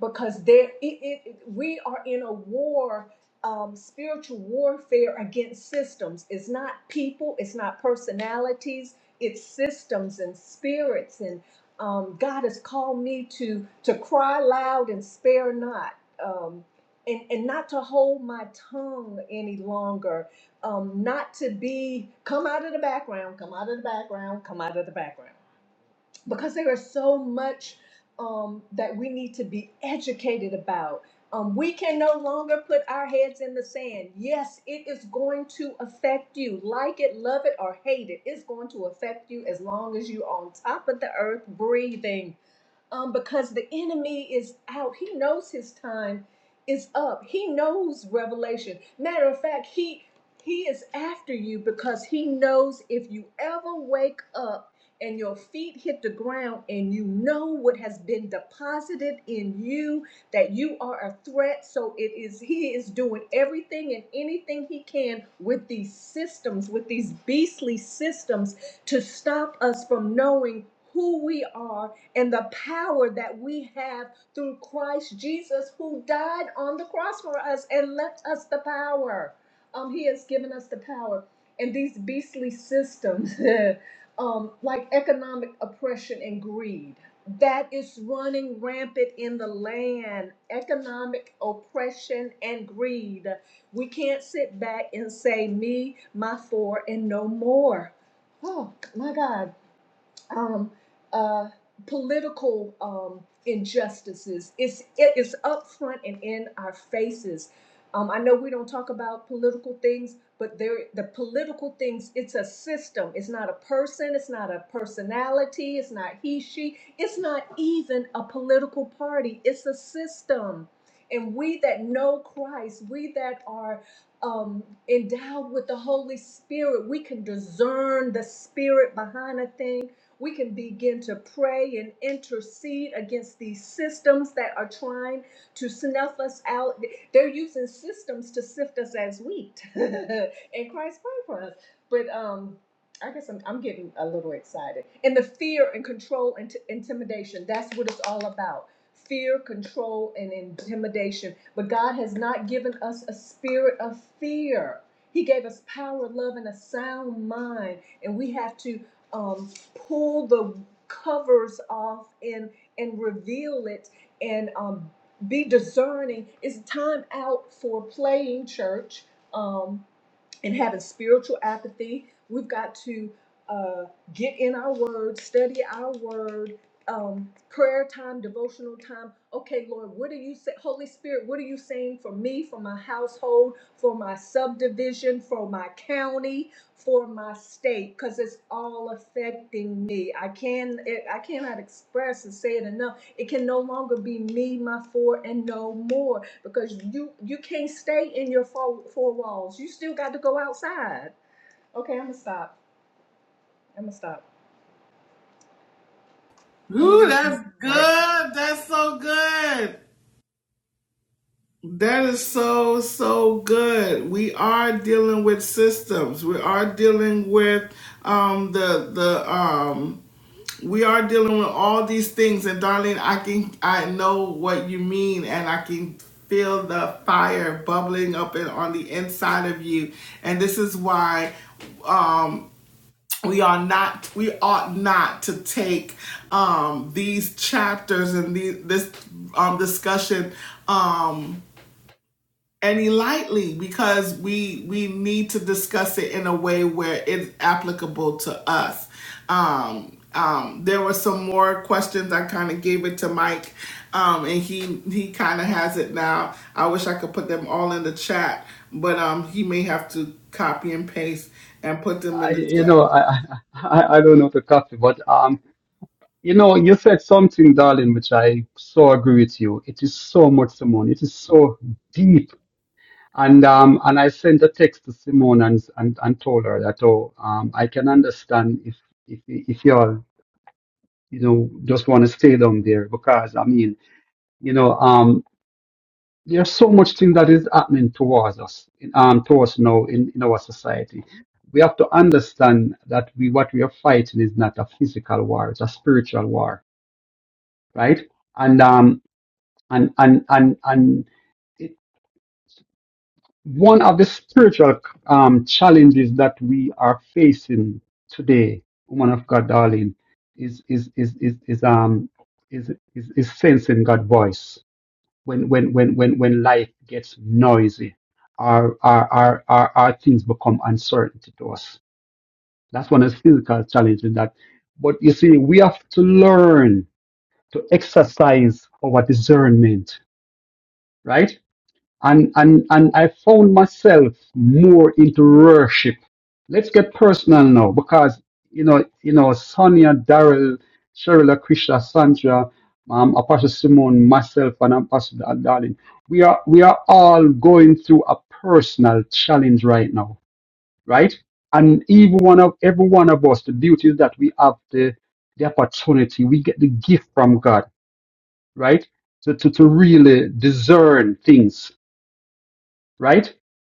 because there it, it it- we are in a war um spiritual warfare against systems. It's not people, it's not personalities, it's systems and spirits and um God has called me to to cry loud and spare not. Um and and not to hold my tongue any longer um, not to be come out of the background, come out of the background, come out of the background, because there is so much um, that we need to be educated about. Um, we can no longer put our heads in the sand. Yes, it is going to affect you. Like it, love it, or hate it, it's going to affect you as long as you're on top of the earth breathing um, because the enemy is out. He knows his time is up. He knows revelation. Matter of fact, he he is after you because he knows if you ever wake up and your feet hit the ground and you know what has been deposited in you that you are a threat so it is he is doing everything and anything he can with these systems with these beastly systems to stop us from knowing who we are and the power that we have through Christ Jesus, who died on the cross for us and left us the power. Um, he has given us the power. And these beastly systems, <laughs> um, like economic oppression and greed, that is running rampant in the land. Economic oppression and greed. We can't sit back and say, me, my four, and no more Oh my God um, uh, political um, injustices. It's it is up front and in our faces. Um, I know we don't talk about political things, but there the political things. It's a system. It's not a person. It's not a personality. It's not he she. It's not even a political party. It's a system. And we that know Christ, we that are um, endowed with the Holy Spirit, we can discern the spirit behind a thing we can begin to pray and intercede against these systems that are trying to snuff us out. They're using systems to sift us as wheat. <laughs> and Christ prayed for us. But um, I guess I'm, I'm getting a little excited. And the fear and control and t- intimidation, that's what it's all about. Fear, control, and intimidation. But God has not given us a spirit of fear. He gave us power, love, and a sound mind. And we have to um, pull the covers off and and reveal it and um, be discerning. It's time out for playing church. Um, and having spiritual apathy. We've got to uh, get in our word, study our word, um, prayer time, devotional time. Okay, Lord, what are you say? Holy Spirit, what are you saying for me, for my household, for my subdivision, for my county, for my state? Because it's all affecting me. I can it, I cannot express and say it enough. It can no longer be me, my four, and no more because you you can't stay in your four, four walls. You still got to go outside. Okay, I'm gonna stop. I'm gonna stop. I'm gonna Ooh, read some that's right. good. That's so good. That is so, so good. We are dealing with systems. We are dealing with um the the um we are dealing with all these things and darling I can I know what you mean and I can feel the fire bubbling up and on the inside of you. And this is why we are not we ought not to take um these chapters and the, this um discussion um any lightly because we we need to discuss it in a way where it's applicable to us um um there were some more questions i kind of gave it to mike um and he he kind of has it now i wish i could put them all in the chat but um he may have to copy and paste and put them I, in the you chat know, I, <laughs> I, I I don't know the copy, but um, you know, you said something, darling, which I so agree with you. It is so much, Simone. It is so deep And um, and I sent a text to Simone and and, and told her that oh um, I can understand if if if y'all you know just want to stay down there because I mean you know um there's so much thing that is happening towards us in, um towards now in, in our society. We have to understand that we what we are fighting is not a physical war; it's a spiritual war, right? And um and and and and. one of the spiritual um, challenges that we are facing today, woman of God, darling, is is is is, is um is, is is sensing God's voice when when when when when life gets noisy, our our our our, our things become uncertain to us. That's one of the physical challenges that. But you see, we have to learn to exercise our discernment, right? and and and I found myself more into worship. Let's get personal now, because you know, you know, Sonia, Daryl, Cheryl, Krisha, Sandra, um, Apostle Simone, myself, and Apostle Darling, we are we are all going through a personal challenge right now, right? And even one of every one of us, the beauty is that we have the the opportunity, we get the gift from God, right? To, to, to really discern things right?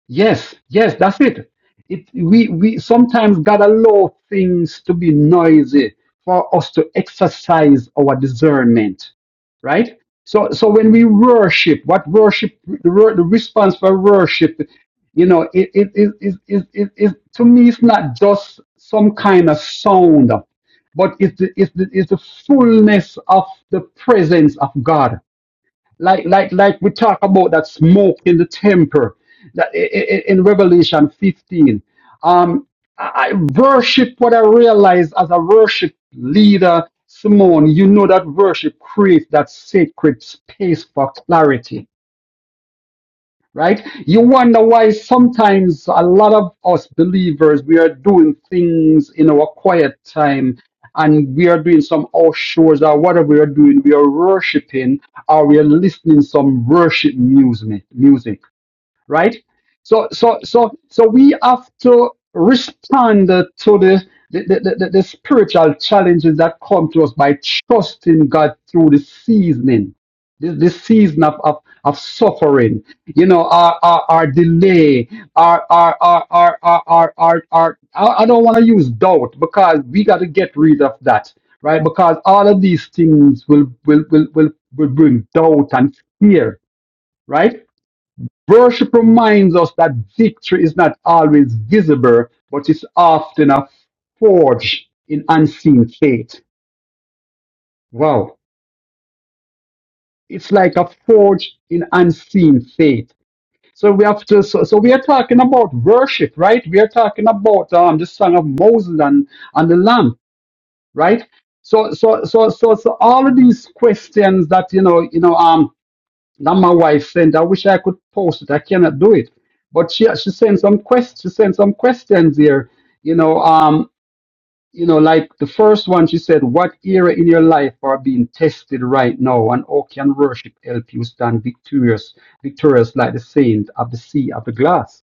Yes, yes, that's it. It we we sometimes gotta allow things to be noisy for us to exercise our discernment, right? So so when we worship, what worship the, wor- the response for worship, you know, it it is is is is is- to me it's not just some kind of sound, but it's the, it's the, it's the fullness of the presence of God like like like we talk about that smoke in the temple that i- i- in revelation 15 um i I worship what i realize as a worship leader simone you know that worship creates that sacred space for clarity right? You wonder why sometimes a lot of us believers we are doing things in our quiet time and we are doing some offshores or whatever we are doing, we are worshiping or we are listening some worship music music right? So, so, so, so we have to respond to the the, the, the, the spiritual challenges that come to us by trusting God through the seasoning, the, the season of, of, of suffering, you know, our, our, our delay, our, our, our, our, our, our, our, our I I don't want to use doubt because we got to get rid of that, right? Because all of these things will, will, will, will, will bring doubt and fear, right? Worship reminds us that victory is not always visible, but is often a forge in unseen faith. Wow. It's like a forge in unseen faith. So we have to, so, so we are talking about worship, right? We are talking about um, the song of Moses and, and the Lamb, right? So, so, so, so, so all of these questions that, you know, you know, um, Now my wife sent. I wish I could post it. I cannot do it. But she she sent some quest. She sent some questions here. You know, um, you know, like the first one. She said, "What area in your life are being tested right now, and how can worship help you stand victorious, victorious like the saint of the sea of the glass?"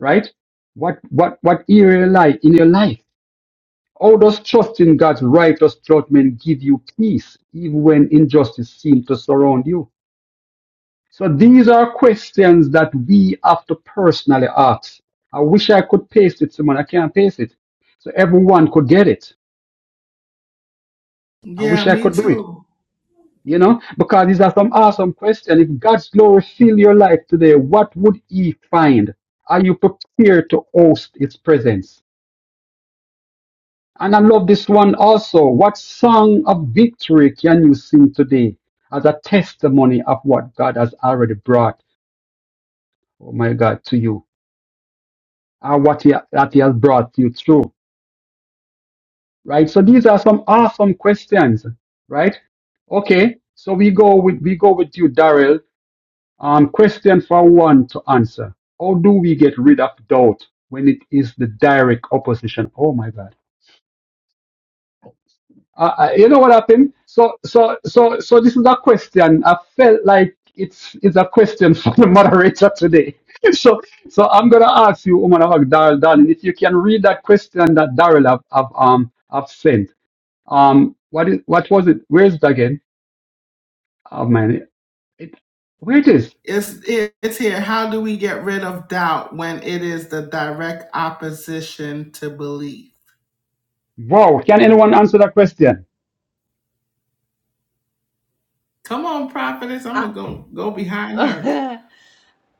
Right? What what what area like in your life? How does trust in God's righteous judgment give you peace, even when injustice seems to surround you? So these are questions that we have to personally ask. I wish I could paste it, Simon. I can't paste it. So everyone could get it. I Yeah, wish I me could do it. too. You know, because these are some awesome questions. If God's glory fill your life today, what would He find? Are you prepared to host His presence? And I love this one also. What song of victory can you sing today as a testimony of what God has already brought? Oh my God, to you. and what he, that he has brought you through, right? So these are some awesome questions, right? Okay, so we go with we go with you, Daryl. Um, question for one to answer: How do we get rid of doubt when it is the direct opposition? Oh my God Uh, uh, you know what happened? So, so, so, so this is a question. I felt like it's it's a question <laughs> for the moderator today. <laughs> So, so I'm gonna ask you, Woman of Darrell, darling, if you can read that question that Daryl have, have um have sent. Um, what is what was it? Where is it again? Oh man, it, where it is? It's it- it's here. How do we get rid of doubt when it is the direct opposition to belief? Wow, can anyone answer that question? Come on, prophetess. I'm I gonna go go behind her. <laughs>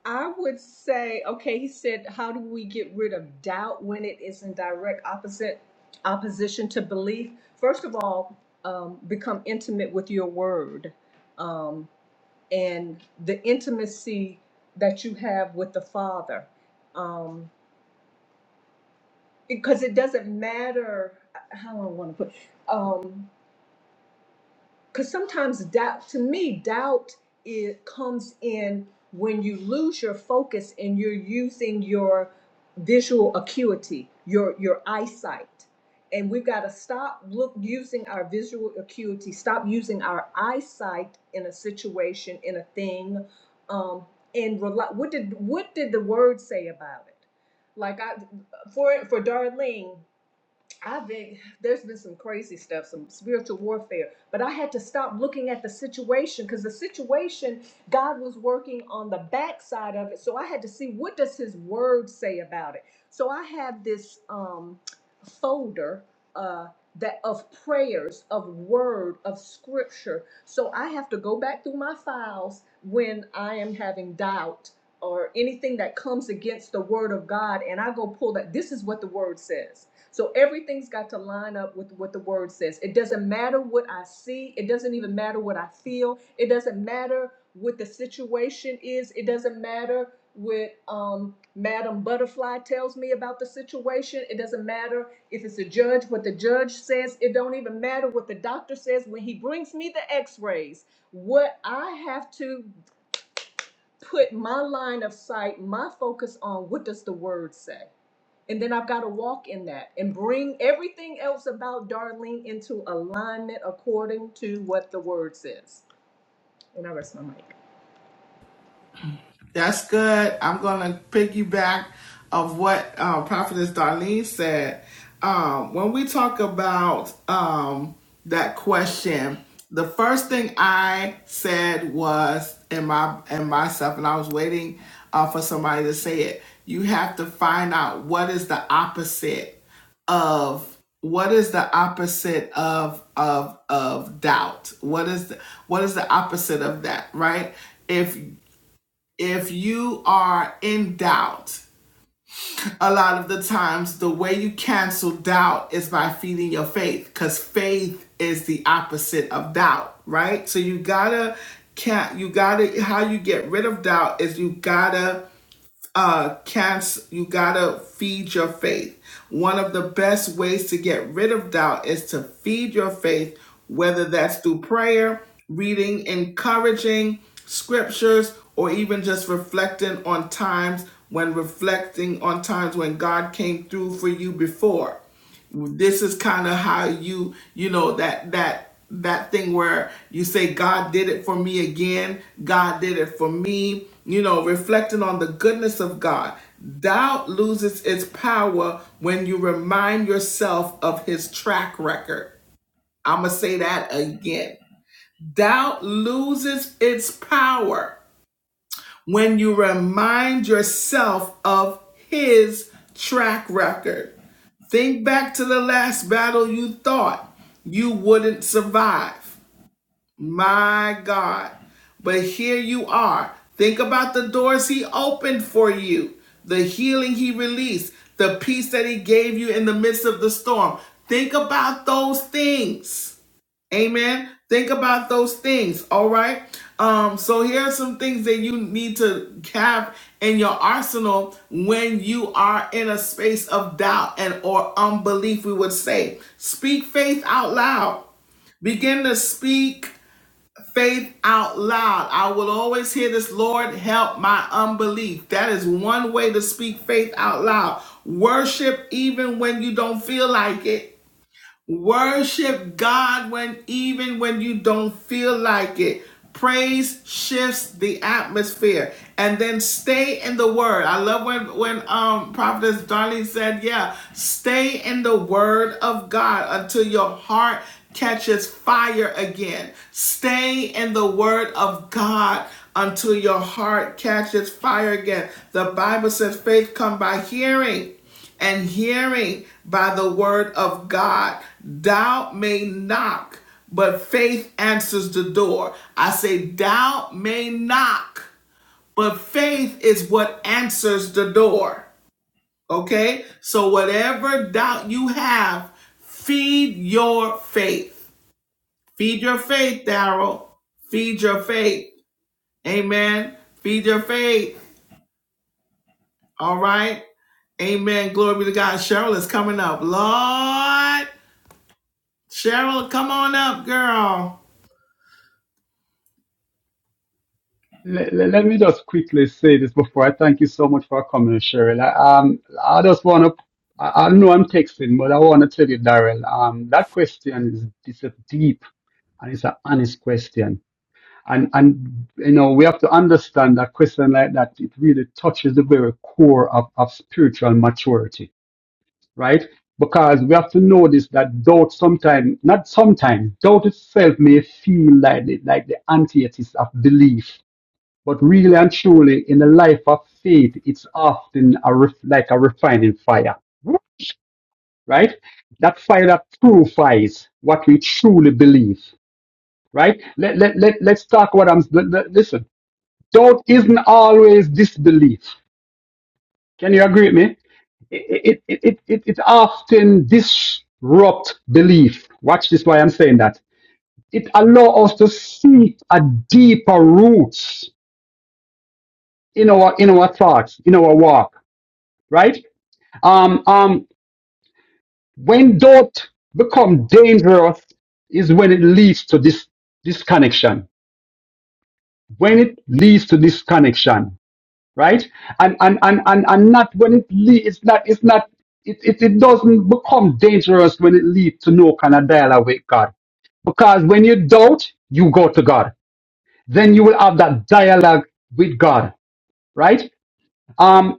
I would say okay. He said, how do we get rid of doubt when it is in direct opposite opposition to belief? First of all, um, become intimate with your word, um, and the intimacy that you have with the Father. Um, because it doesn't matter how do I want to put um because sometimes doubt to me doubt it comes in when you lose your focus and you're using your visual acuity your your eyesight and we've got to stop look using our visual acuity stop using our eyesight in a situation in a thing um and rely, what did what did the word say about it like i for for darlene I've been there's been some crazy stuff, some spiritual warfare, but I had to stop looking at the situation because the situation God was working on the backside of it. So I had to see what does His Word say about it. So I have this um, folder. uh, that of prayers of word of scripture so i have to go back through my files when i am having doubt or anything that comes against the word of god and i go pull that this is what the word says so everything's got to line up with what the word says it doesn't matter what i see it doesn't even matter what i feel it doesn't matter what the situation is it doesn't matter with um, Madam Butterfly tells me about the situation. It doesn't matter if it's a judge, what the judge says. It don't even matter what the doctor says when he brings me the x-rays. What I have to put my line of sight, my focus on what does the word say? And then I've got to walk in that and bring everything else about Darlene into alignment according to what the word says. And I rest my mic. That's good. I'm going to piggyback of what uh, Prophetess Darlene said. Um, when we talk about um, that question, the first thing I said was in my in myself, and I was waiting uh, for somebody to say it. You have to find out what is the opposite of what is the opposite of of of doubt. What is the, what is the opposite of that? Right? If if you are in doubt, a lot of the times the way you cancel doubt is by feeding your faith because faith is the opposite of doubt, right? So you gotta can't you gotta how you get rid of doubt is you gotta uh, Cass, you gotta feed your faith. One of the best ways to get rid of doubt is to feed your faith, whether that's through prayer, reading encouraging scriptures, or even just reflecting on times when reflecting on times when God came through for you before this is kind of how you you know that that that thing where you say god did it for me again god did it for me you know reflecting on the goodness of god doubt loses its power when you remind yourself of his track record i'm gonna say that again doubt loses its power when you remind yourself of his track record Think back to the last battle you thought you wouldn't survive. My God. But here you are. Think about the doors he opened for you, the healing he released, the peace that he gave you in the midst of the storm. Think about those things. Amen. Think about those things. All right. Um, so here are some things that you need to have in your arsenal when you are in a space of doubt and or unbelief, we would say. Speak faith out loud. Begin to speak faith out loud. I will always hear this, Lord, help my unbelief. That is one way to speak faith out loud. Worship even when you don't feel like it. Worship God when even when you don't feel like it. Praise shifts the atmosphere and then stay in the word. I love when when um prophetess Darlene said, yeah, stay in the word of God until your heart catches fire again. Stay in the word of God until your heart catches fire again. The Bible says faith come by hearing and hearing by the word of God. Doubt may knock, but faith answers the door. I say, doubt may knock, but faith is what answers the door. Okay? So, whatever doubt you have, feed your faith. Feed your faith, Daryl. Feed your faith. Amen. Feed your faith. All right. Amen. Glory be to God. Cheryl is coming up. Lord. Cheryl, come on up, girl. Let, let me just quickly say this before I thank you so much for coming, Cheryl. I, um, I just want to, I, I know I'm texting, but I want to tell you, Daryl, um, that question is it's a deep and it's an honest question. And, and, you know, we have to understand that question like that, it really touches the very core of, of spiritual maturity, right? Because we have to know this that doubt sometimes, not sometimes, doubt itself may feel like the, like the antithesis of belief but really and truly, in the life of faith, it's often a ref- like a refining fire, right? That fire that purifies what we truly believe, right? Let, let, let, let's talk what I'm, let- let- listen, doubt isn't always disbelief. Can you agree with me? It, it, it, it, it often disrupt belief. Watch this why I'm saying that. It allows us to see a deeper roots in our in our thoughts, in our walk, right? Um, um, when doubt become dangerous is when it leads to this disconnection. When it leads to disconnection, right? And and and and, and not when it leads. It's not. It's not. It, it, it doesn't become dangerous when it leads to no kind of dialogue with God. Because when you doubt, you go to God. Then you will have that dialogue with God, right? Um,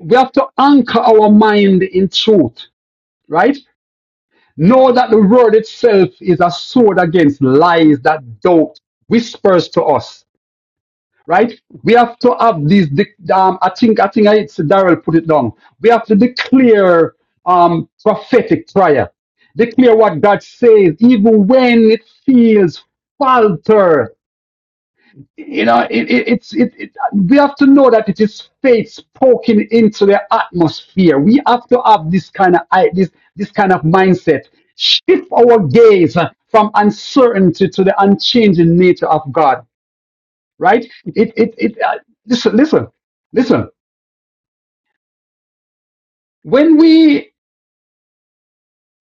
we have to anchor our mind in truth, right? Know that the word itself is a sword against lies that doubt whispers to us. Right? We have to have these. Um, I think. I think. it's Daryl put it down. We have to declare um, prophetic prayer. Declare what God says, even when it feels falter. You know, it, it, it's it, it. We have to know that it is faith poking into the atmosphere. We have to have this kind of i- this this kind of mindset. Shift our gaze uh, from uncertainty to the unchanging nature of God. Right? It it it. Uh, listen, listen, listen. When we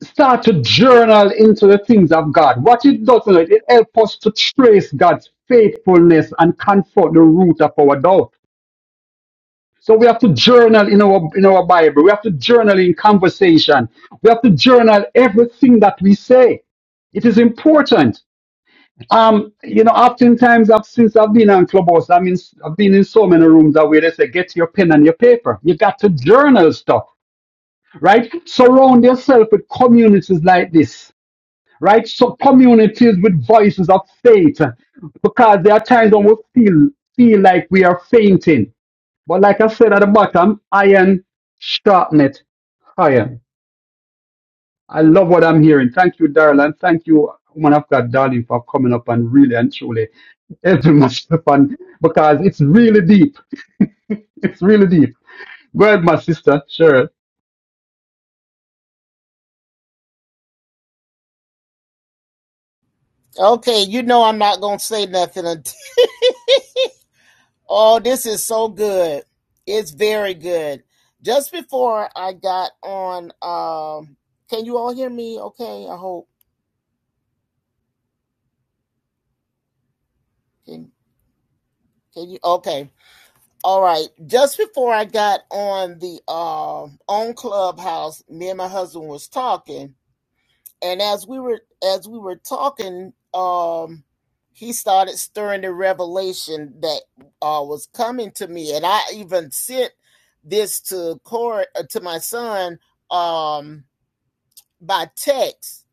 start to journal into the things of God, what it does, you know, it helps us to trace God's faithfulness and comfort the root of our doubt So we have to journal in our in our Bible. We have to journal in conversation. We have to journal everything that we say. It is important. Um, you know, oftentimes I've since I've been on Clubhouse, I mean I've been in so many rooms that where they say, get your pen and your paper. You got to journal stuff, right? Surround yourself with communities like this, right? So communities with voices of faith. Because there are times when we feel feel like we are fainting but like I said at the bottom, iron sharpen it iron. I love what I'm hearing. Thank you, Daryl, and thank you, woman of God, darling, for coming up and really and truly helping myself <laughs> and because it's really deep. <laughs> It's really deep. Go ahead, my sister. Sure. Okay, you know I'm not gonna say nothing until. <laughs> Oh, this is so good. It's very good. Just before I got on, um, can you all hear me? Okay, I hope. Can can you? Okay, all right. Just before I got on the um on Clubhouse, me and my husband was talking, and as we were as we were talking um he started stirring the revelation that uh was coming to me and i even sent this to Cor uh, to my son um by text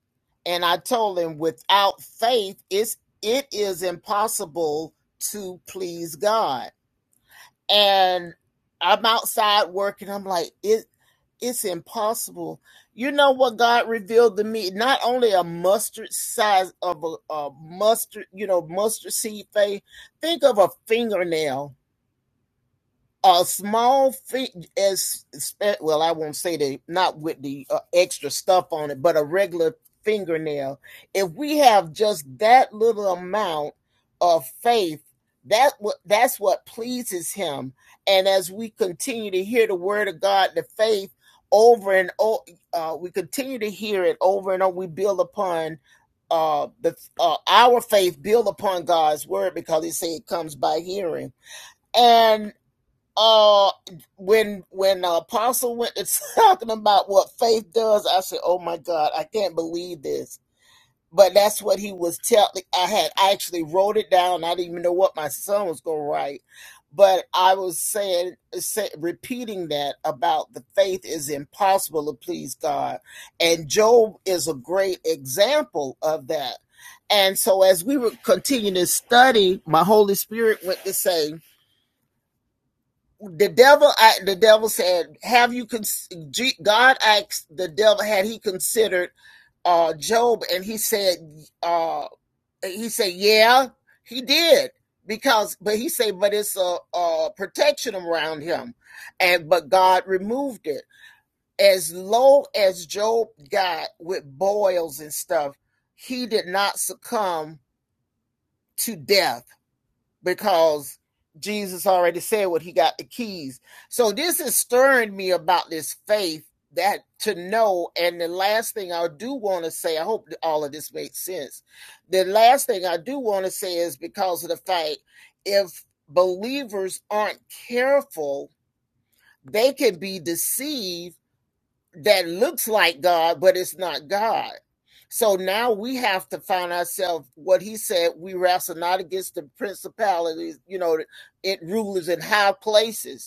and i told him without faith it's it is impossible to please god and I'm outside working. I'm like, it, it's impossible. You know what God revealed to me? Not only a mustard size of a, a mustard, you know, mustard seed faith. Think of a fingernail a small fee as well i won't say that not with the uh, extra stuff on it but a regular fingernail if we have just that little amount of faith that that's what pleases him and as we continue to hear the word of god the faith over and over uh, we continue to hear it over and over we build upon uh, the uh, our faith build upon god's word because he said it comes by hearing and uh when when uh, apostle went to <laughs> talking about what faith does i said oh my god i can't believe this but that's what he was telling i had I actually wrote it down i didn't even know what my son was going to write but i was saying say, repeating that about the faith is impossible to please god and job is a great example of that and so as we were continuing to study my holy spirit went to say the devil I, the devil said have you con- god asked the devil had he considered uh job and he said uh he said yeah he did because but he said but it's a, a protection around him and but god removed it as low as job got with boils and stuff he did not succumb to death because Jesus already said what he got the keys. So this is stirring me about this faith that to know. And the last thing I do want to say, I hope that all of this makes sense. The last thing I do want to say is because of the fact if believers aren't careful, they can be deceived that looks like God, but it's not God. So now we have to find ourselves what he said we wrestle not against the principalities, you know, it rulers in high places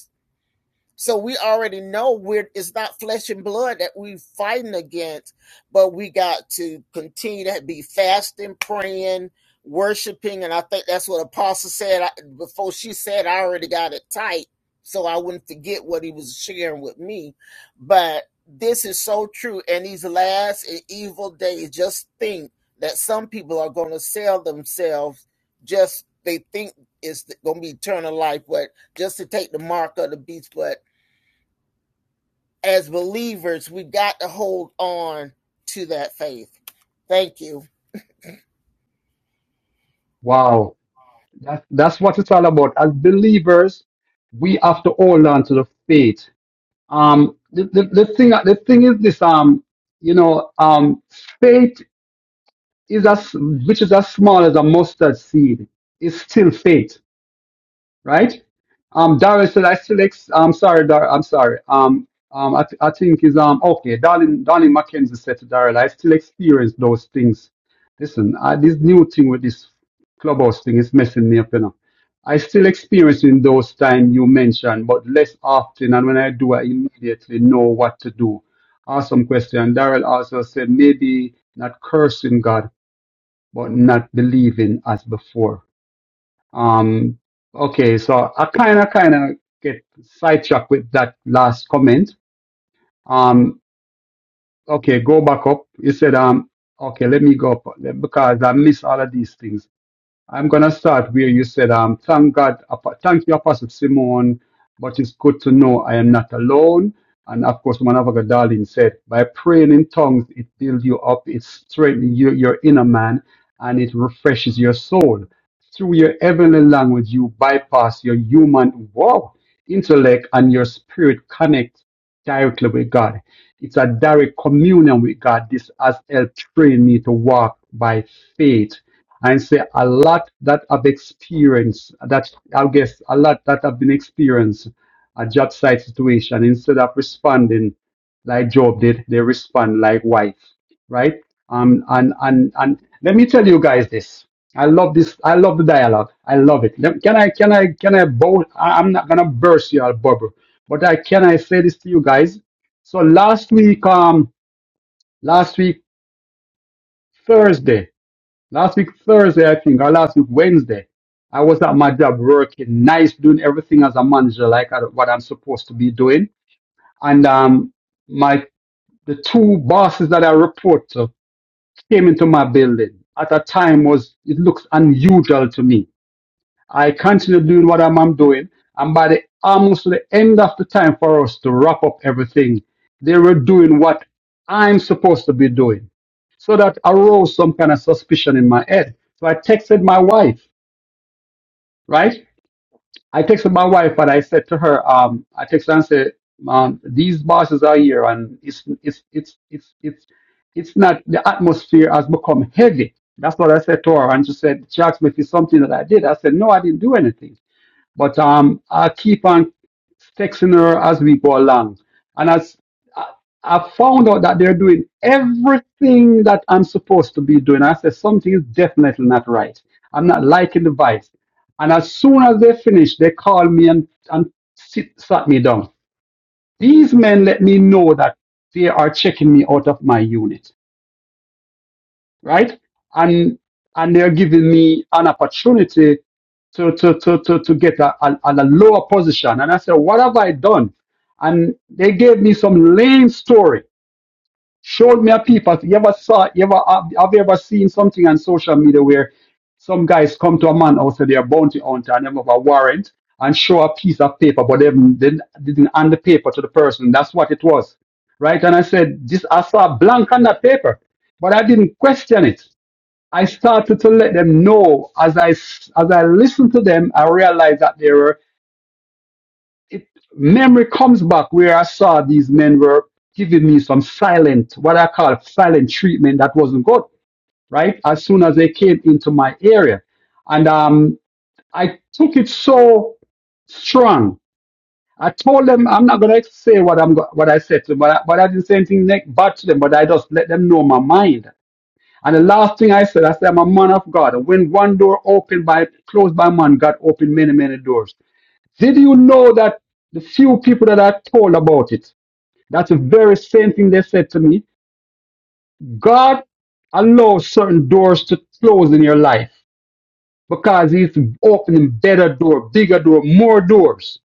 so we already know we're it's not flesh and blood that we are fighting against, but we got to continue to be fasting, praying, worshiping, and I think that's what Apostle said I, before she said I already got it tight, so I wouldn't forget what he was sharing with me. But this is so true. And these last and evil days, just think that some people are going to sell themselves. Just they think it's going to be eternal life, but just to take the mark of the beast, but as believers, we've got to hold on to that faith. Thank you. Wow. That, that's what it's all about. As believers, we have to hold on to the faith. Um, the, the, the thing, the thing is this, um, you know, um, faith is as which is as small as a mustard seed, is still faith, right? Um, Darren said, I still ex- I'm sorry, Dar- I'm sorry. Um, um, I, th- I think is um okay. Darling, darling Mackenzie said to Darrell, I still experience those things. Listen, I, this new thing with this clubhouse thing is messing me up, you know. I still experiencing those time you mentioned, but less often. And when I do, I immediately know what to do. Awesome question. Darrell also said maybe not cursing God but not believing as before. Um, okay, so I kind of kind of get sidetracked with that last comment. Um, okay, go back up. You said, um, okay, let me go up because I miss all of these things. I'm going to start where you said, um, thank God, Apo- thank you, Apostle Simon, but it's good to know I am not alone. And of course, Manavaga Darling said, by praying in tongues, it builds you up, it strengthens your, your inner man, and it refreshes your soul. Through your heavenly language, you bypass your human wow, intellect and your spirit connect directly with God. It's a direct communion with God. This has helped train me to walk by faith and say a lot that I've experienced, that I guess a lot that I've been experienced a job site situation, instead of responding like Job did, they respond like wife, right? Um, and and and let me tell you guys this. I love this. I love the dialogue. I love it. Let- Can I can I can I bow? I- I'm not gonna burst your bubble, but I can I say this to you guys. So last week, um, last week Thursday, Last week Thursday, I think, or last week Wednesday, I was at my job working nice, doing everything as a manager, like I- what I'm supposed to be doing. And um, my the two bosses that I report to came into my building at a time was it looks unusual to me I continue doing what I'm, I'm doing, and by the almost the end of the time for us to wrap up everything, they were doing what I'm supposed to be doing. So that arose some kind of suspicion in my head. So I texted my wife, right? I texted my wife and I said to her, um, I texted her and said, um, these bosses are here and it's it's it's it's it's it's not the atmosphere has become heavy. That's what I said to her, and she said she asked me if it's something that I did. I said no, I didn't do anything. But um, I keep on texting her as we go along. And as I, I found out that they're doing everything that I'm supposed to be doing, I said something is definitely not right. I'm not liking the vibes. And as soon as they finish, they call me and, and sit, sat me down. These men let me know that they are checking me out of my unit right? And and they're giving me an opportunity to to to to, to get a, a, a lower position. And I said, what have I done? And they gave me some lame story, showed me a people. You ever saw? You ever have have you ever seen something on social media where some guys come to a man out say they're bounty hunter and they have a warrant and show a piece of paper, but they haven't- they didn't they didn't hand the paper to the person. That's what it was, right? And I said, this I saw a blank on that paper, but I didn't question it. I started to let them know as I s- as I listened to them, I realized that there were it, memory comes back where I saw these men were giving me some silent, what I call silent treatment that wasn't good, right? As soon as they came into my area, and um, I took it so strong. I told them I'm not gonna say what I'm go- what I said to them, but I, but I didn't say anything ne- bad to them. But I just let them know my mind And the last thing I said, I said, I'm a man of God. And when one door opened by closed by man, God opened many, many doors. Did you know that the few people that I told about it, that's the very same thing they said to me. God allows certain doors to close in your life because he's opening better door, bigger door, more doors.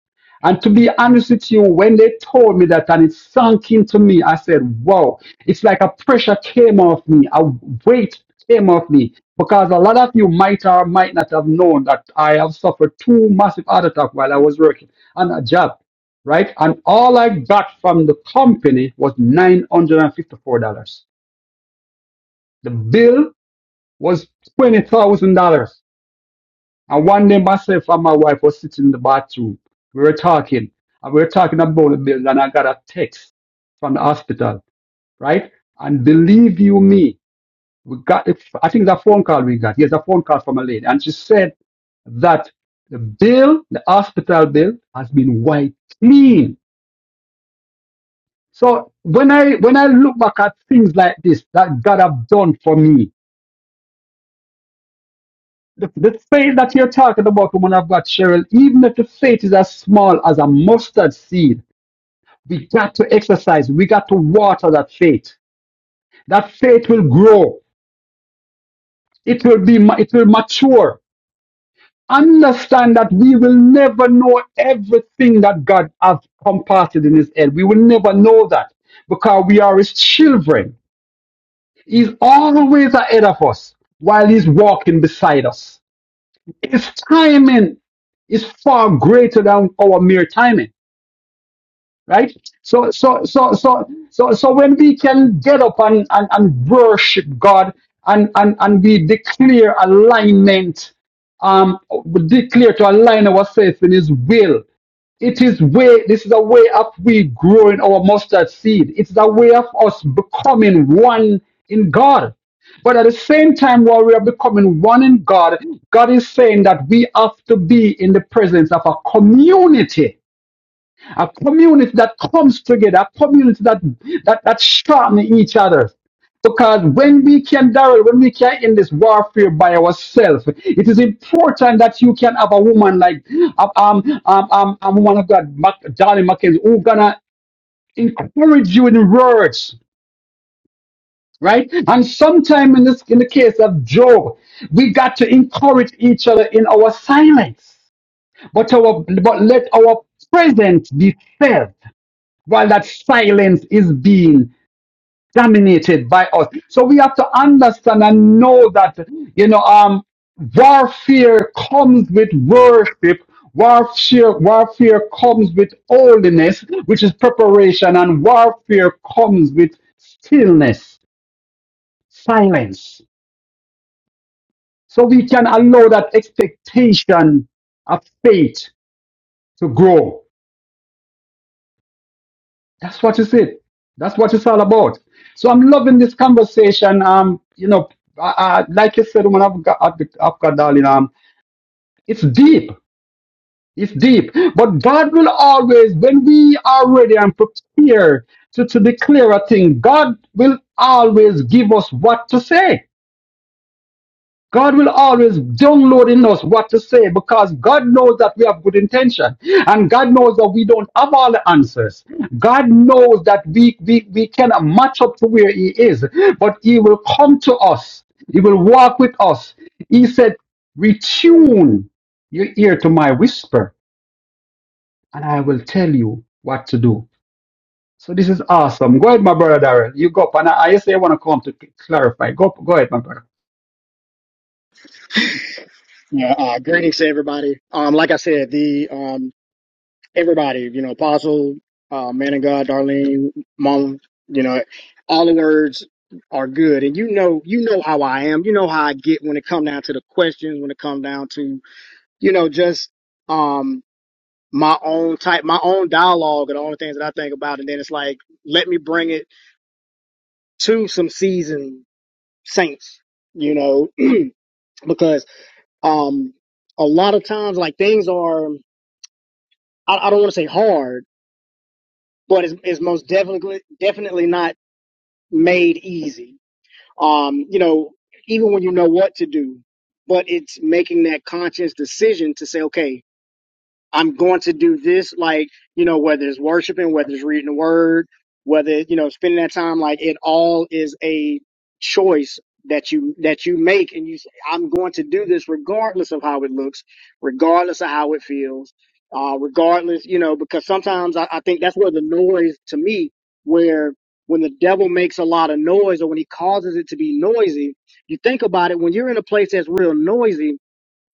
And to be honest with you, when they told me that and it sunk into me, I said, wow, it's like a pressure came off me, a weight came off me. Because a lot of you might or might not have known that I have suffered two massive heart attacks while I was working on a job, right? And all I got from the company was $954. The bill was $20,000 and one day myself and my wife was sitting in the bathroom. We were talking. And we were talking about the bills. and I got a text from the hospital, right? And believe you me, we got I think the phone call we got. Yes, a phone call from a lady. And she said that the bill, the hospital bill, has been wiped clean. So when I when I look back at things like this that God have done for me, the, the faith that you're talking about, woman of God, Cheryl, even if the faith is as small as a mustard seed, we got to exercise. We got to water that faith. That faith will grow. It will be. ma- It will mature. Understand that we will never know everything that God has comparted in His head. We will never know that because we are His children. He's always ahead of us while He's walking beside us. His timing is far greater than our mere timing right so so so so so so when we can get up and and, and worship god and, and and we declare alignment um we declare to align ourselves in his will it is way this is a way of we growing our mustard seed it's a way of us becoming one in god but at the same time while we are becoming one in god god is saying that we have to be in the presence of a community a community that comes together, a community that that, that sharpens each other. Because when we can, Daryl, when we can end this warfare by ourselves, it is important that you can have a woman like um um um, um a woman of God, Mac, Darling McKenzie, who gonna encourage you in words, right? And sometime in this in the case of Job, we got to encourage each other in our silence, but our but let our presence be felt while that silence is being dominated by us. So we have to understand and know that, you know, um, warfare comes with worship. Warfare, warfare comes with holiness, which is preparation, and warfare comes with stillness, silence. So we can allow that expectation of faith to grow. That's what it's it. That's what it's all about. So I'm loving this conversation. Um, you know, I, I, like you said, woman, I've got, I've got, darling. Um, it's deep. It's deep. But God will always, when we are ready and prepared to, to declare a thing, God will always give us what to say. God will always download in us what to say because God knows that we have good intention and God knows that we don't have all the answers. God knows that we, we, we cannot match up to where He is, but He will come to us. He will walk with us. He said, retune your ear to my whisper and I will tell you what to do. So this is awesome. Go ahead, my brother Darrell. You go up and I, I say I want to come to clarify. Go, go ahead, my brother. Yeah, uh, greetings to everybody. Um, like I said, the um, everybody, you know, Apostle, uh, Man of God, Darlene, Mom, you know, all the words are good, and you know, you know how I am. You know how I get when it come down to the questions, when it come down to, you know, just um, my own type, my own dialogue, and all the things that I think about, and then it's like, let me bring it to some seasoned saints, you know, <clears throat> because um, a lot of times, like things are. I, I don't want to say hard, but it's, it's most definitely definitely not made easy. Um, you know, even when you know what to do, but it's making that conscious decision to say, okay, I'm going to do this, like, you know, whether it's worshiping, whether it's reading the word, whether, you know, spending that time, like it all is a choice that you, that you make. And you say, I'm going to do this regardless of how it looks, regardless of how it feels, uh, regardless, you know, because sometimes I, I think that's where the noise to me, where when the devil makes a lot of noise or when he causes it to be noisy, you think about it when you're in a place that's real noisy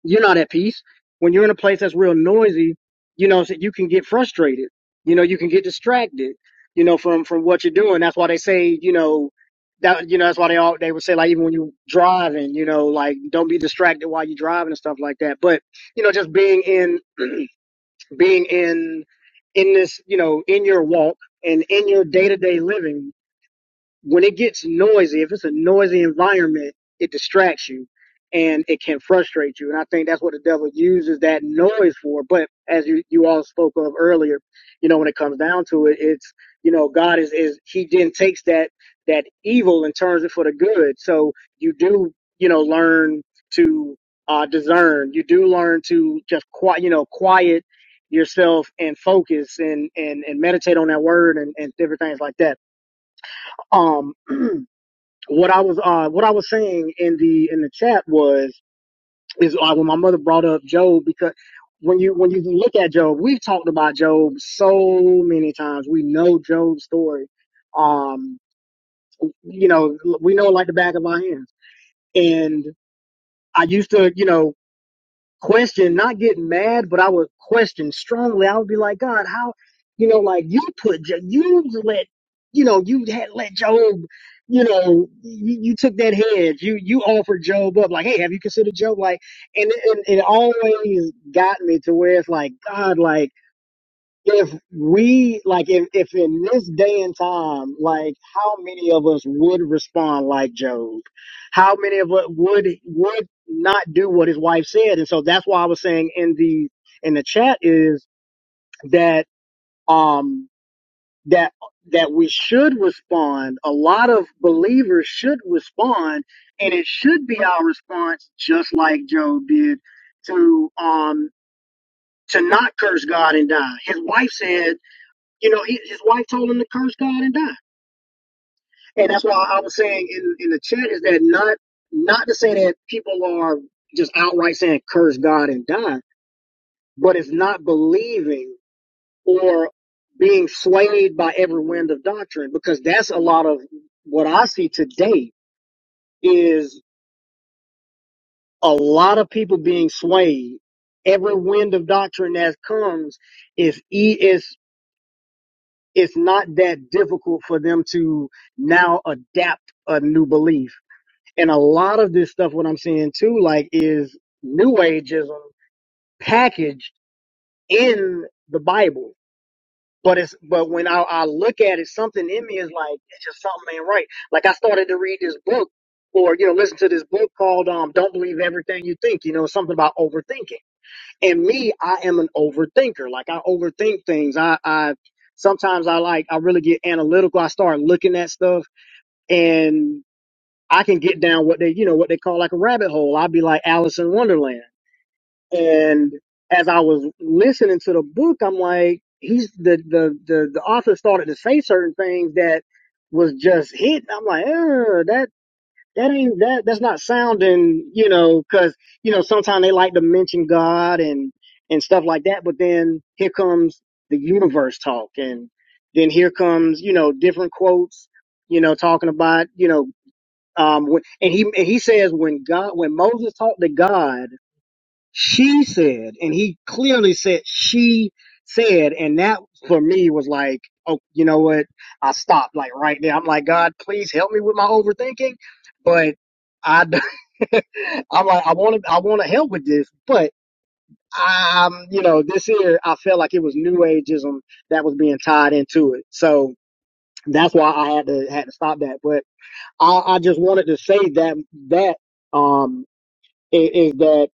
you're not at peace. When you're in a place that's real noisy, you know, so you can get frustrated. You know, you can get distracted. You know, from from what you're doing. That's why they say, you know, that you know, that's why they all they would say like even when you driving, you know, like don't be distracted while you're driving and stuff like that. But you know, just being in <clears throat> being in in this, you know, in your walk and in your day to day living when it gets noisy, if it's a noisy environment, it distracts you and it can frustrate you. And I think that's what the devil uses that noise for. But as you, you all spoke of earlier, you know, when it comes down to it, it's, you know, God is, is, he then takes that, that evil and turns it for the good. So you do, you know, learn to, uh, discern. You do learn to just quiet, you know, quiet yourself and focus and, and, and meditate on that word and, and different things like that. Um, <clears throat> what I was uh what I was saying in the in the chat was is uh, when my mother brought up Job because when you when you look at Job, we've talked about Job so many times. We know Job's story. Um, you know, we know it like the back of our hands. And I used to, you know, question, not getting mad, but I would question strongly. I would be like, God, how, you know, like you put, Jo- you let, you know, you had let Job, you know, you, you took that hedge, you you offered Job up, like, hey, have you considered Job? Like, and, and it always got me to where it's like, God, like if we like if, if in this day and time like how many of us would respond like job how many of us would would not do what his wife said and so that's why i was saying in the in the chat is that um that that we should respond a lot of believers should respond and it should be our response just like job did to um to not curse god and die his wife said you know, he, his wife told him to curse God and die. And that's why I was saying in, in the chat is that not not to say that people are just outright saying curse God and die, but it's not believing or being swayed by every wind of doctrine because that's a lot of what I see today is a lot of people being swayed. Every wind of doctrine that comes is e is it's not that difficult for them to now adapt a new belief And a lot of this stuff, what I'm seeing too, like is new ageism packaged in the Bible. But it's, but when I, I look at it, something in me is like, it's just something ain't right. Like I started to read this book or, you know, listen to this book called, um, don't believe everything you think, you know, something about overthinking. And me, I am an overthinker. Like I overthink things. I, I, sometimes I like, I really get analytical. I start looking at stuff and I can get down what they, you know, what they call like a rabbit hole. I'd be like Alice in Wonderland. And as I was listening to the book, I'm like, he's the the the, the author started to say certain things that was just hit. I'm like, "Uh, that that ain't that that's not sounding, you know, because you know sometimes they like to mention God and and stuff like that, but then here comes the universe talk, and then here comes you know different quotes, you know, talking about you know um, when, and he and he says when God when Moses talked to God, she said, and he clearly said she said, and that for me was like, oh, you know what? I stopped like right there. I'm like, God, please help me with my overthinking, but I, <laughs> I'm like, I want to I want to help with this, but um, you know, this year I felt like it was New Ageism that was being tied into it, so that's why I had to had to stop that. But I, I just wanted to say that that um is, is that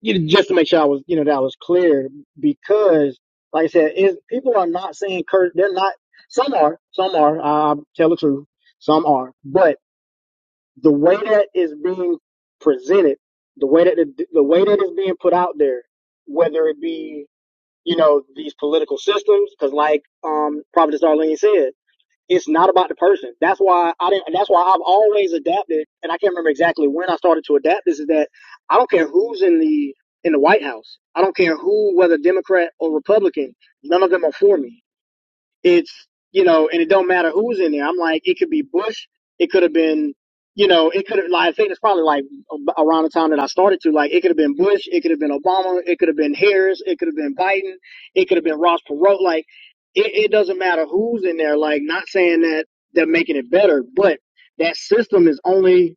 you know, just to make sure I was you know that I was clear because like I said, is people are not saying curse. They're not. Some are. Some are. I tell the truth. Some are. But the way that is being presented, the way that the, the way that is being put out there, whether it be you know these political systems, because like um Prophet Darlene said it's not about the person. That's why I didn't. That's why I've always adapted, and I can't remember exactly when I started to adapt. This is that I don't care who's in the in the White House. I don't care who, whether Democrat or Republican. None of them are for me it's you know, and it don't matter who's in there. I'm like, it could be Bush, it could have been, you know, it could have like I think it's probably like ab- around the time that I started to like it could have been Bush, it could have been Obama, it could have been Harris, it could have been Biden, it could have been Ross Perot. Like, it, it doesn't matter who's in there. Like, not saying that they're making it better, but that system is only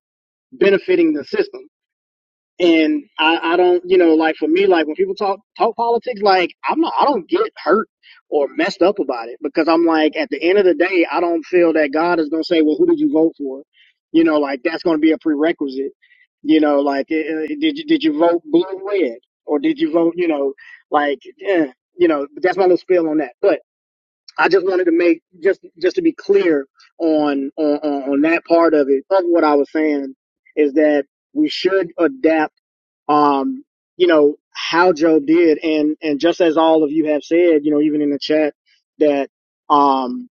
benefiting the system and I, I don't, you know, like for me, like when people talk talk politics, like I'm not, I don't get hurt or messed up about it because I'm like, at the end of the day, I don't feel that God is gonna say, well, who did you vote for? You know, like that's gonna be a prerequisite. You know, like eh, eh, did you did you vote blue or red or did you vote, you know, like, eh, you know, that's my little spiel on that. But I just wanted to make just just to be clear on on on on that part of it of what I was saying is that we should adapt um, you know, how Job did. And, and just as all of you have said, you know, even in the chat that, um,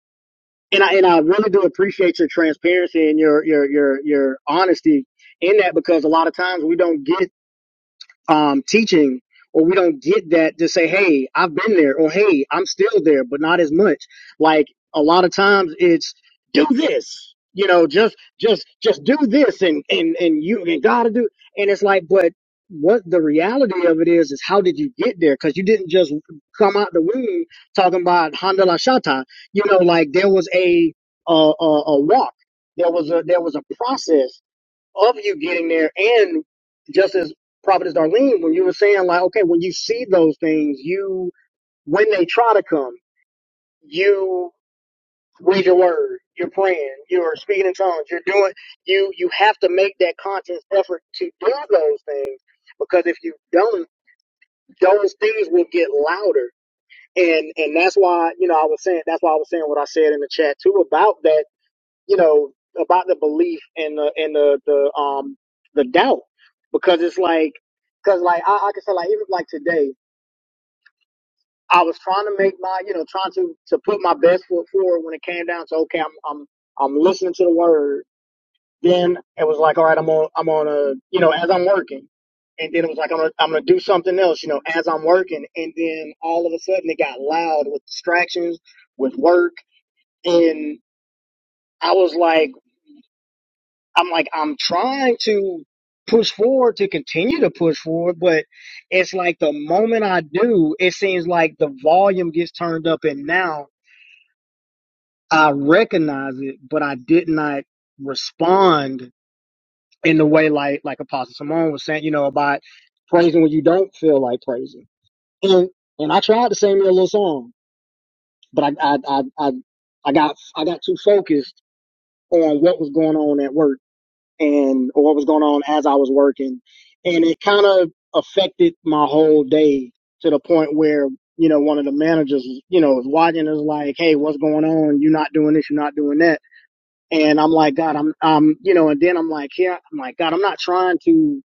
and I, and I really do appreciate your transparency and your, your, your, your honesty in that because a lot of times we don't get um, teaching, or we don't get that to say, hey, I've been there, or hey, I'm still there, but not as much. Like a lot of times it's do this, you know, just, just, just do this and, and, and you and gotta do. And it's like, but what the reality of it is, is how did you get there? Cause you didn't just come out the womb talking about Honda La Shata, you know, like there was a, a, a, a walk. There was a, there was a process of you getting there. And just as Prophetess Darlene, when you were saying like, okay, when you see those things, you, when they try to come, you read your word, you're praying, you're speaking in tongues, you're doing, you, you have to make that conscious effort to do those things because if you don't, those things will get louder. And, and that's why, you know, I was saying, that's why I was saying what I said in the chat too about that you know, about the belief and the and the the um the doubt because it's like because like I, I can say like even like today I was trying to make my you know trying to to put my best foot forward when it came down to okay I'm I'm I'm listening to the word then it was like all right I'm on I'm on a you know as I'm working and then it was like I'm gonna, I'm gonna do something else you know as I'm working and then all of a sudden it got loud with distractions with work and I was like I'm like, I'm trying to push forward to continue to push forward, but it's like the moment I do, it seems like the volume gets turned up, and now I recognize it, but I did not respond in the way like like Apostle Simone was saying, you know, about praising when you don't feel like praising. And and I tried to sing me a little song, but I I I I, I got I got too focused on what was going on at work and or what was going on as I was working, and it kind of affected my whole day to the point where you know one of the managers you know was watching is like, hey, what's going on? You're not doing this, you're not doing that, and I'm like, God, I'm I'm you know, and then I'm like, yeah, I'm like, God, I'm not trying to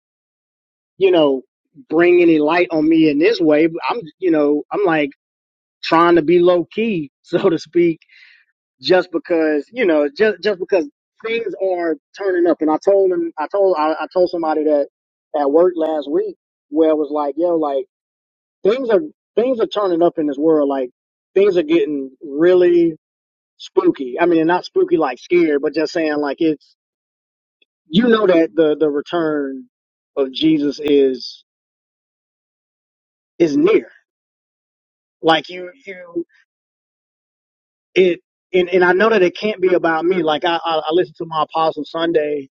you know bring any light on me in this way. But I'm you know I'm like trying to be low key, <laughs> so to speak just because you know just just because things are turning up and i told him i told i, I told somebody that at work last week where it was like yo like things are things are turning up in this world like things are getting really spooky i mean not spooky like scared but just saying like it's you know that the the return of jesus is is near like you you it and, and i know that it can't be about me like i i, I listened to my apostle sunday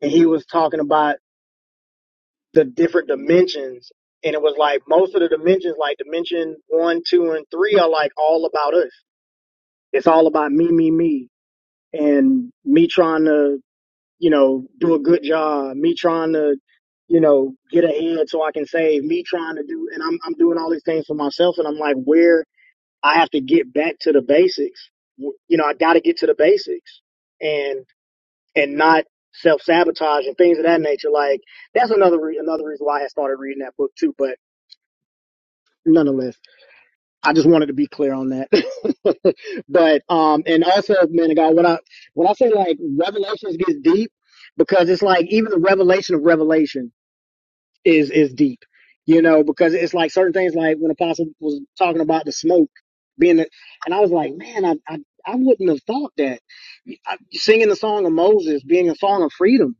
and he was talking about the different dimensions and it was like most of the dimensions like dimension one two and three are like all about us it's all about me me me and me trying to you know do a good job me trying to you know get ahead so i can save me trying to do and i'm, I'm doing all these things for myself and i'm like where i have to get back to the basics you know i got to get to the basics and and not self-sabotage and things of that nature like that's another re- another reason why i started reading that book too but nonetheless. I just wanted to be clear on that. <laughs> but um and also, man of God, when I when I say like revelations gets deep, because it's like even the revelation of revelation is is deep. You know, because it's like certain things like when Apostle was talking about the smoke being the, and I was like, man, I, I I wouldn't have thought that. I, singing the song of Moses being a song of freedom.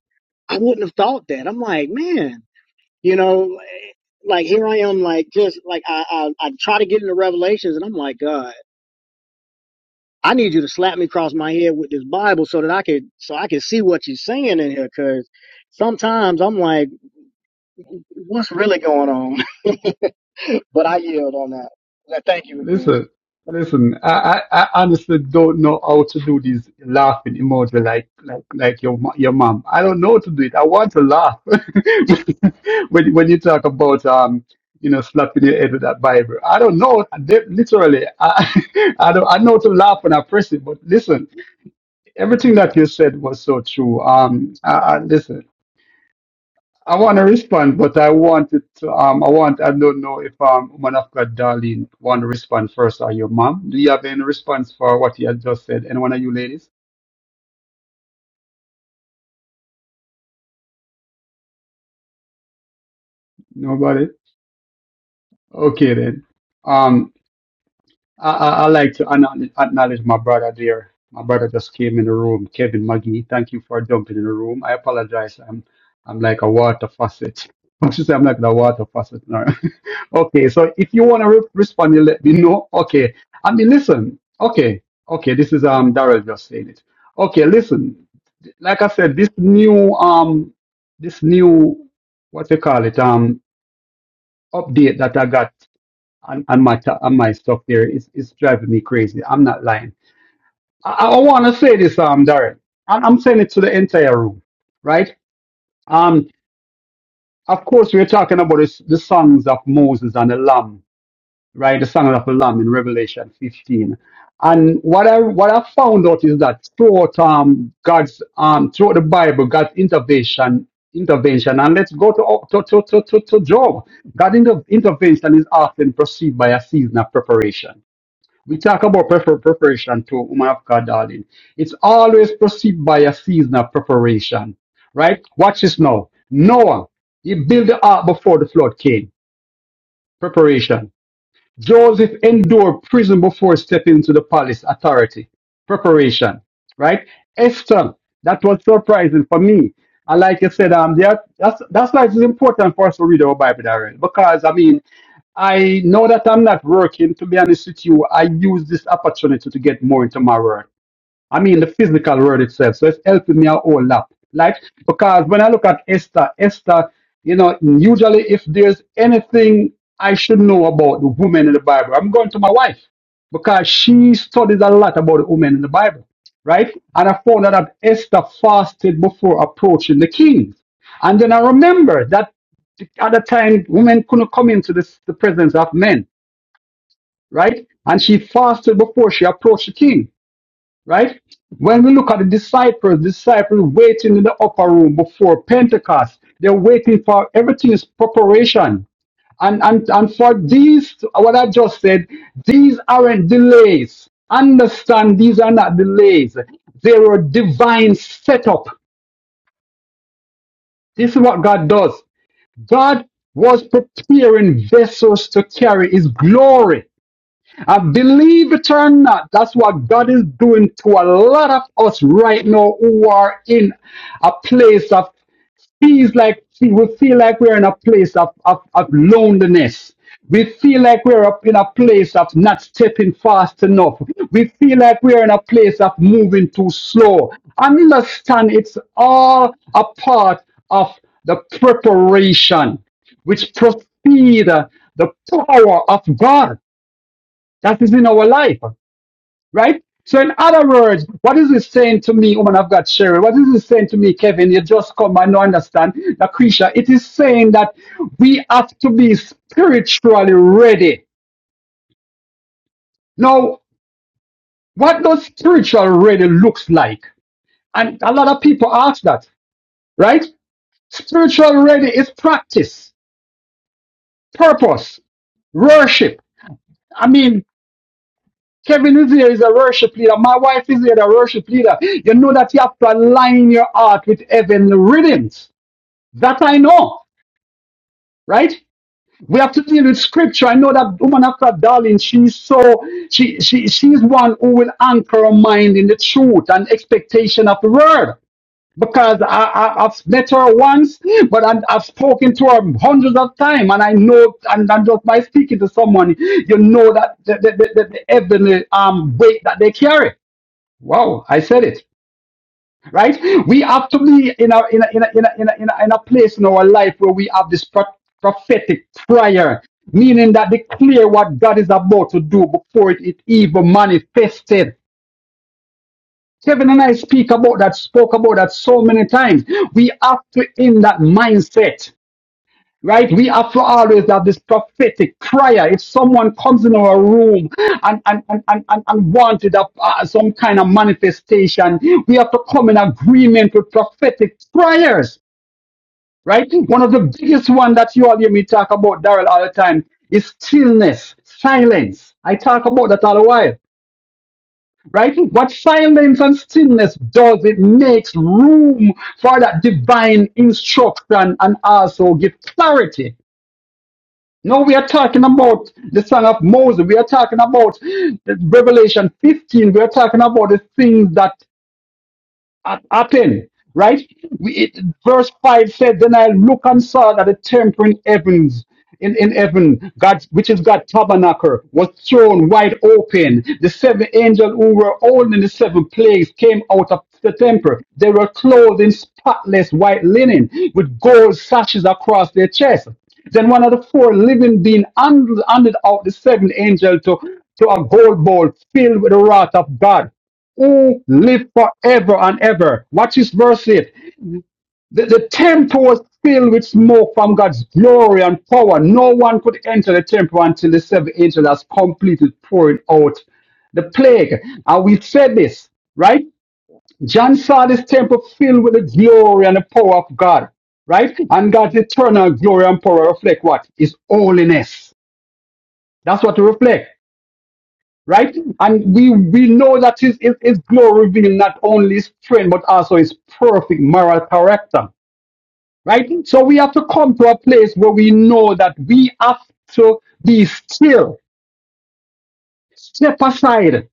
I wouldn't have thought that. I'm like, man, you know, like here I am, like just like I, I I try to get into Revelations, and I'm like, God, I need you to slap me across my head with this Bible so that I could so I can see what you're saying in here, because sometimes I'm like, what's really going on? <laughs> but I yield on that. Now, Thank you again. Listen, listen. I, I, I honestly don't know how to do these laughing emoji like like like your mo- your mom. I don't know how to do it. I want to laugh <laughs> when when you talk about um you know slapping your head with that Bible. I don't know. They- Literally, I <laughs> I don't I know to laugh when I press it. But listen, everything that you said was so true. Um, I, I, listen. I want to respond, but I wanted to, um, I want, I don't know if, um, woman of God, Darlene, want to respond first or your mom. Do you have any response for what you had just said? Any one of you ladies? Nobody? Okay then. Um, I, I, I like to acknowledge acknowledge my brother there. My brother just came in the room, Kevin McGee. Thank you for jumping in the room. I apologize. I'm I'm like a water faucet. <laughs> I should say I'm like the water faucet now. <laughs> okay, so if you want to re- respond, you let me know. Okay, I mean, listen. Okay, okay, this is um Daryl just saying it. Okay, listen. Like I said, this new um this new what you call it um update that I got and, and my t- and my stuff there is is driving me crazy. I'm not lying. I, I want to say this, um, Darren, and I'm saying it to the entire room, right? Um, of course, we're talking about this, the songs of Moses and the Lamb, right? The song of the Lamb in Revelation 15. And what I what I found out is that throughout um God's um throughout the Bible, God's intervention intervention and let's go to to to to, to, to Job. God's inter- intervention is often preceded by a season of preparation We talk about prefer- preparation to woman of God, darling. It's always perceived by a season of preparation, right? Watch this now. Noah, he built the ark before the flood came. Preparation. Joseph endured prison before stepping into the palace authority. Preparation, right? Esther, that was surprising for me. And like you said, um, there, that's that's why it's important for us to read our Bible, darling, because I mean, I know that I'm not working. To be honest with you, I use this opportunity to get more into my work. I mean the physical word itself. So it's helping me a whole lot. Like because when I look at Esther, Esther, you know, usually if there's anything I should know about the women in the Bible, I'm going to my wife because she studies a lot about the women in the Bible, right? And I found out that Esther fasted before approaching the king. And then I remember that at the time women couldn't come into this, the presence of men, right? And she fasted before she approached the king right? When we look at the disciples, disciples waiting in the upper room before Pentecost, they're waiting for everything is preparation. And, and, and for these, what I just said, these aren't delays. Understand these are not delays. They were divine setup. This is what God does. God was preparing vessels to carry his glory. I believe it or not, that's what God is doing to a lot of us right now who are in a place of feels like we feel like we're in a place of, of, of loneliness. We feel like we're up in a place of not stepping fast enough. We feel like we're in a place of moving too slow. Understand it's all a part of the preparation which precede the power of God. That is in our life, right? So, in other words, what is it saying to me, woman of God, Sherry? What is it saying to me, Kevin? You just come and you understand, Lucretia. It is saying that we have to be spiritually ready. Now, what does spiritual ready looks like? And a lot of people ask that, right? Spiritual ready is practice, purpose, worship. I mean, Kevin is here is a worship leader. My wife is here a worship leader. You know that you have to align your heart with heavenly rhythms. That I know, right? We have to deal with scripture. I know that woman after darling, she's so she she she's one who will anchor her mind in the truth and expectation of the word. Because I, I, I've met her once, but I, I've spoken to her hundreds of times, and I know, and, and just by speaking to someone, you know that the, the, the, the heavenly um, weight that they carry. Wow, I said it. Right? We have to be in a in a in a in a in a, in a, in a place in our life where we have this pro- prophetic prayer, meaning that declare what God is about to do before it, it even manifested. Kevin and I speak about that, spoke about that so many times. We have to in that mindset. Right? We have to always have this prophetic prayer. If someone comes in our room and, and, and, and, and, and wanted a, uh, some kind of manifestation, we have to come in agreement with prophetic prayers. Right? One of the biggest one that you all hear me talk about, Darrell, all the time is stillness, silence. I talk about that all the while. Right? What silence and stillness does, it makes room for that divine instruction and also give clarity No, we are talking about the Song of Moses. We are talking about the Revelation 15. We are talking about the things that at happened, right? We, it, verse 5 said, Then I look and saw that the temple in heavens, in, in heaven, God's, which is God's tabernacle, was thrown wide open. The seven angels who were holding the seven plagues came out of the temple. They were clothed in spotless white linen with gold sashes across their chests. Then one of the four living beings handed, handed out the seven angels to, to a gold bowl filled with the wrath of God he live forever and ever. Watch this verse 8. The, the temple was filled with smoke from God's glory and power. No one could enter the temple until the seven angels has completed pouring out the plague. And we said this, right? John saw this temple filled with the glory and the power of God, right? And God's eternal glory and power reflect what? His holiness. That's what to reflect right? And we we know that his, his, his glory reveals not only his strength but also his perfect moral character, right? So we have to come to a place where we know that we have to be still, step aside,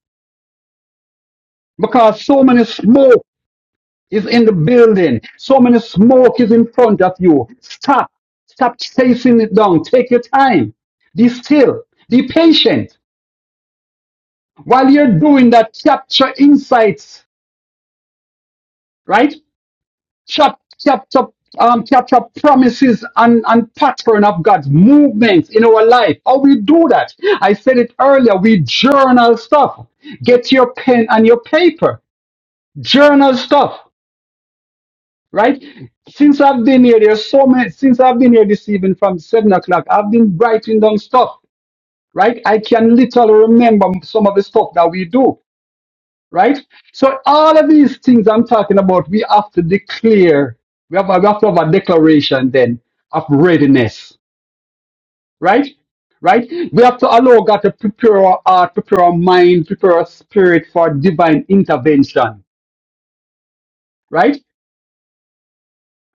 because so many smoke is in the building, so many smoke is in front of you. Stop, stop chasing it down. Take your time. Be still. Be patient. While you're doing that, capture insights, right? chop, chapter, um, chapter promises and, and pattern of God's movements in our life. How we do that? I said it earlier. We journal stuff. Get your pen and your paper. Journal stuff, right? Since I've been here, there's so many. Since I've been here this evening from seven o'clock, I've been writing down stuff, right? I can literally remember some of the stuff that we do right? So all of these things I'm talking about, we have to declare. We have, we have to have a declaration then of readiness, right? Right? We have to allow God to prepare our heart, prepare our mind, prepare our spirit for divine intervention, right?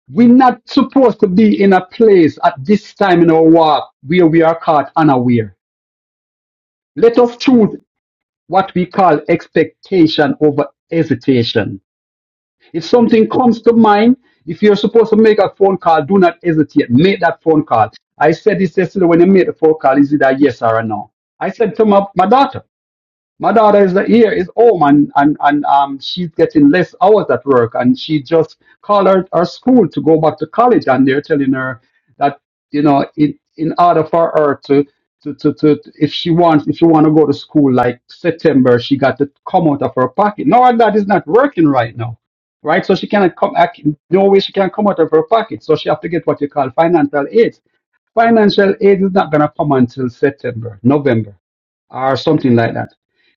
We're not supposed to be in a place at this time in our walk where we are caught unaware. Let us choose what we call expectation over hesitation If something comes to mind, if you're supposed to make a phone call, do not hesitate. Make that phone call. I said this yesterday when I made the phone call, is it a yes or a no? I said to my, my daughter. My daughter is here, is home, and, and, and um, she's getting less hours at work. And she just called her, her school to go back to college, and they're telling her that, you know, in, in order for her to, to, to, to, if she wants, if she want to go to school like September, she got to come out of her pocket. No, and that is not working right now, right? So she cannot come, I can- no way she can come out of her pocket. So she have to get what you call financial aid. Financial aid is not going to come until September, November, or something like that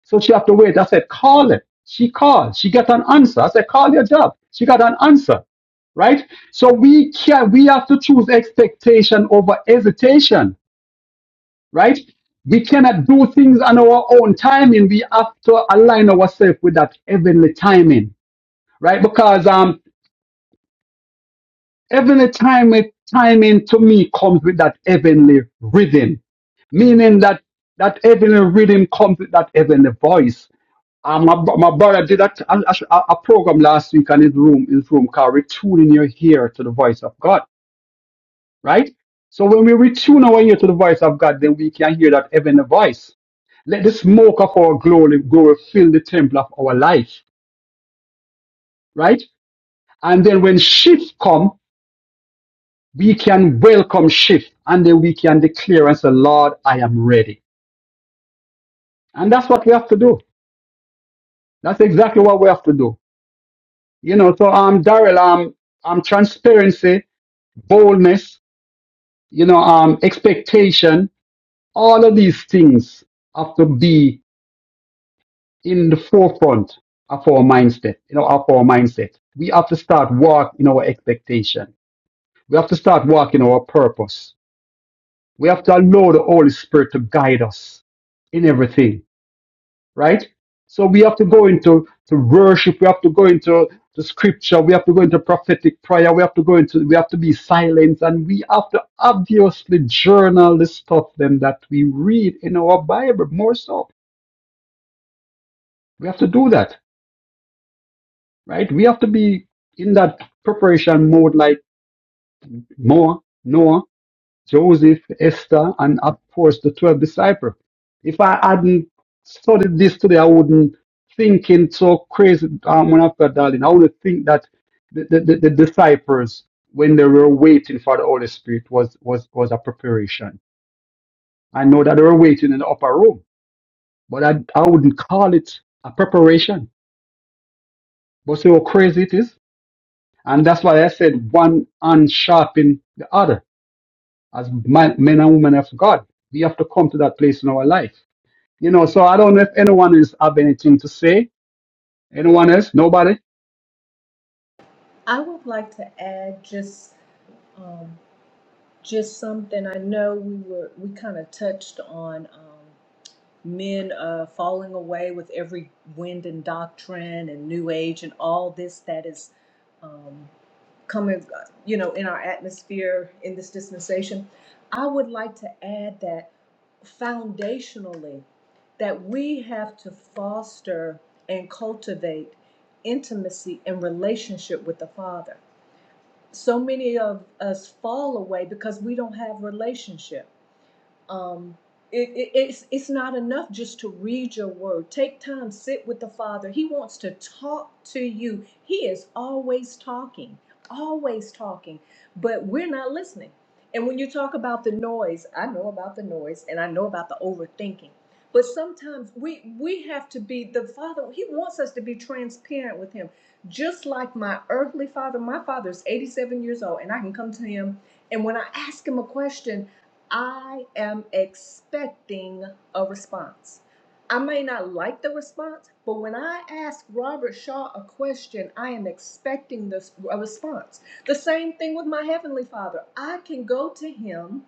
so she have to wait. I said, call it. She called. She got an answer. I said, call your job. She got an answer. Right? So we can we have to choose expectation over hesitation. Right? We cannot do things on our own timing. We have to align ourselves with that heavenly timing. Right? Because um heavenly timing timing to me comes with that heavenly rhythm meaning that that heavenly rhythm comes with that heavenly voice. Uh, my, bro- my brother did a, a, a a program last week on his room, his room called Retuning Your Ear to the Voice of God, right? So when we retune our ear to the voice of God, then we can hear that heavenly voice. Let the smoke of our glory, glory fill the temple of our life, right? And then when shift come, we can welcome shift and then we can declare and say, Lord, I am ready. And that's what we have to do. That's exactly what we have to do. You know, so um, Daryl, um, um, transparency, boldness, you know, um, expectation, all of these things have to be in the forefront of our mindset, you know, of our mindset. We have to start walking our expectation. We have to start walking our purpose. We have to allow the Holy Spirit to guide us in everything right? So we have to go into to worship. We have to go into the scripture. We have to go into prophetic prayer. We have to go into. We have to be silent, and we have to obviously journal the stuff then that we read in our Bible. More so, we have to do that, right? We have to be in that preparation mode, like Noah. Noah. Joseph, Esther, and of course the 12 disciples. If I hadn't studied this today, I wouldn't think thinking so crazy, um, when after darling. I would think that the, the, the, the disciples, when they were waiting for the Holy Spirit, was, was, was a preparation. I know that they were waiting in the upper room, but I, I wouldn't call it a preparation. But see how crazy it is? And that's why I said one hand sharpen the other. As man- men and women of God, we have to come to that place in our life You know, so I don't know if anyone is have anything to say. Anyone else? Nobody? I would like to add just um, just something I know we were we kind of touched on um, men uh, falling away with every wind and doctrine and new age and all this that is um, coming uh, you know in our atmosphere in this dispensation. I would like to add that foundationally that we have to foster and cultivate intimacy and relationship with the Father so many of us fall away because we don't have relationship um, it, it- it's it's not enough just to read your word. Take time, sit with the Father. He wants to talk to you. He is always talking, always talking, but we're not listening. And when you talk about the noise, I know about the noise, and I know about the overthinking. But sometimes we we have to be the Father. He wants us to be transparent with Him, just like my earthly father. My Father's 87 years old, and I can come to him. And when I ask him a question, I am expecting a response. I may not like the response, but when I ask Robert Shaw a question, I am expecting this a response. The same thing with my heavenly Father. I can go to him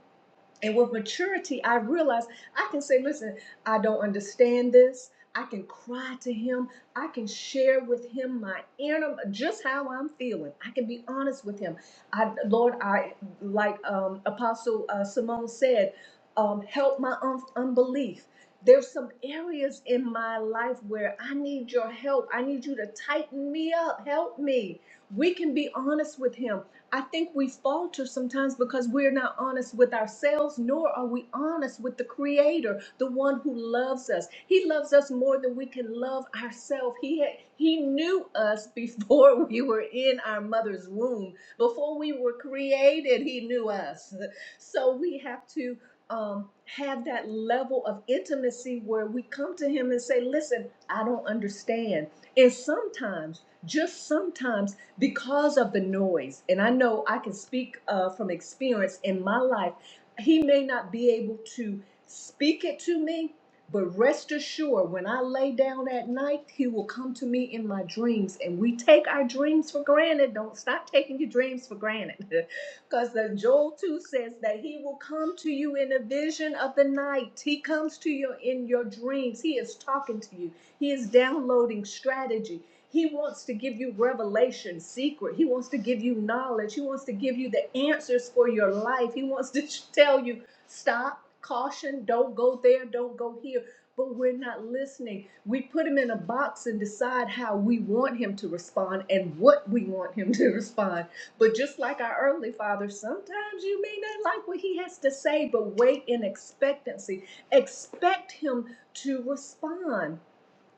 and with maturity, I realize I can say, listen, I don't understand this. I can cry to him. I can share with him my inner, just how I'm feeling. I can be honest with him. I, Lord, I, like um, Apostle uh, Simone said, um, help my un- unbelief. There's some areas in my life where I need your help. I need you to tighten me up. Help me. We can be honest with him I think we falter sometimes because we're not honest with ourselves, nor are we honest with the Creator, the one who loves us. He loves us more than we can love ourselves. He had, He knew us before <laughs> we were in our mother's womb, before we were created. He knew us, so we have to um, have that level of intimacy where we come to Him and say, "Listen, I don't understand," and sometimes, just sometimes because of the noise. And I know I can speak uh, from experience in my life. He may not be able to speak it to me, but rest assured, when I lay down at night, He will come to me in my dreams. And we take our dreams for granted. Don't stop taking your dreams for granted. <laughs> Because Joel 2 says that He will come to you in a vision of the night. He comes to you in your dreams. He is talking to you, He is downloading strategy. He wants to give you revelation, secret. He wants to give you knowledge. He wants to give you the answers for your life. He wants to <laughs> tell you, stop, caution, don't go there, don't go here. But we're not listening. We put him in a box and decide how we want him to respond and what we want him <laughs> to respond. But just like our earthly father, sometimes you may not like what he has to say, but wait in expectancy. Expect him to respond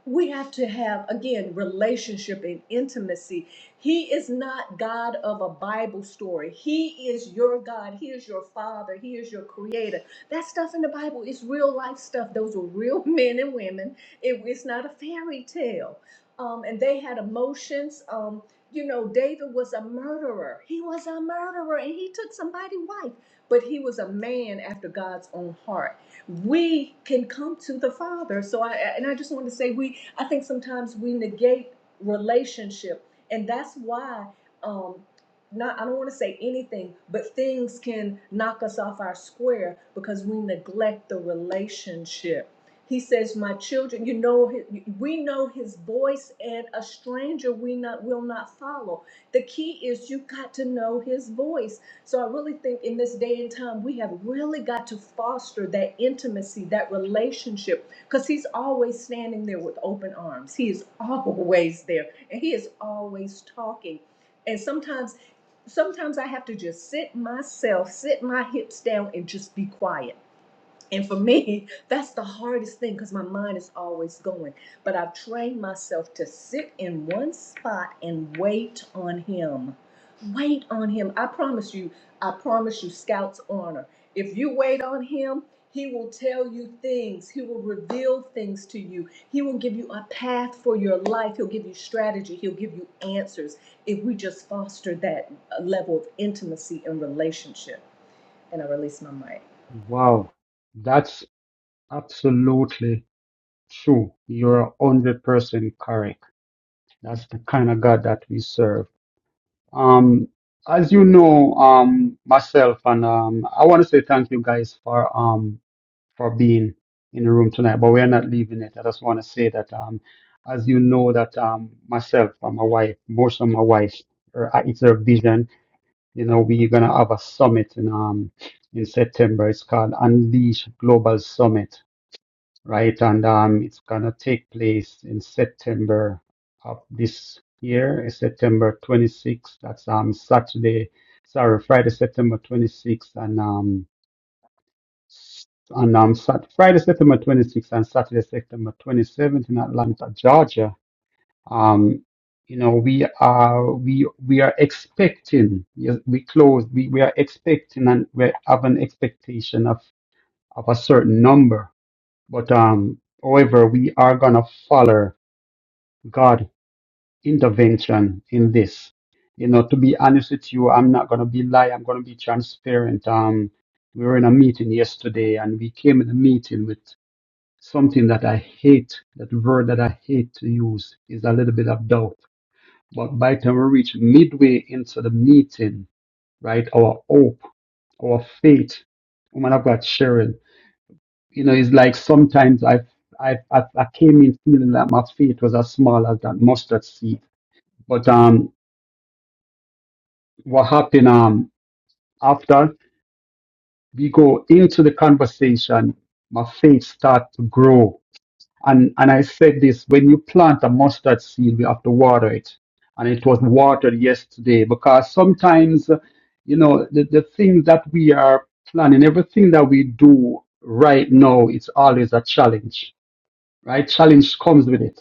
we have to have again relationship and intimacy he is not god of a bible story he is your god he is your father he is your creator that stuff in the bible is real life stuff those were real <laughs> men and women it, it's not a fairy tale um, and they had emotions um, you know david was a murderer he was a murderer and he took somebody's wife but he was a man after god's own heart we can come to the Father. So I and I just want to say we I think sometimes we negate relationship, and that's why um not I don't want to say anything, but things can knock us off our square because we neglect the relationship. He says, "My children, you know, hi- we know His voice, and a stranger we not will not follow." The key is you got to know His voice so I really think in this day and time, we have really got to foster that intimacy, that relationship, because he's always standing there with open arms. He is <laughs> always there and he is always talking. And sometimes, sometimes I have to just sit myself, sit my hips down and just be quiet and for me, <laughs> that's the hardest thing because my mind is always going. But I've trained myself to sit in one spot and wait on him. Wait on him. I promise you, I promise you, Scout's honor. If you wait on him, he will tell you things. He will reveal things to you. He will give you a path for your life. He'll give you strategy. He'll give you answers if we just foster that uh, level of intimacy and relationship. And I release my mic. Wow. That's absolutely true. You're one hundred percent correct. That's the kind of God that we serve. Um as you know, um myself and um I want to say thank you guys for um for being in the room tonight, but we're not leaving it. I just want to say that um as you know that um myself and my wife, most of my wife, her, it's her vision you know, we're going to have a summit in um in September. It's called Unleash Global Summit, right? And um, it's going to take place in September of this year, eh, September 26th. That's um Saturday, sorry, Friday, September 26th, and um and um Sat- Friday, September 26th, and Saturday, September 27th in Atlanta, Georgia um, you know, we are we we are expecting. yes, We close. We, we are expecting and we have an expectation of of a certain number. But um, however, we are gonna follow God intervention in this. You know, to be honest with you, I'm not gonna be lie. I'm gonna be transparent. Um, we were in a meeting yesterday, and we came in the meeting with something that I hate. That word that I hate to use is a little bit of doubt but by the time we reach midway into the meeting, right, our hope, our faith, woman of God, Sharon, you know, it's like sometimes I, I, I, I came in feeling that my faith was as small as that mustard seed. But um, what happened um after we go into the conversation, my faith start to grow And and I said this when you plant a mustard seed, we have to water it. And it was watered yesterday because sometimes, you know, the, the things that we are planning, everything that we do right now, it's always a challenge, right? Challenge comes with it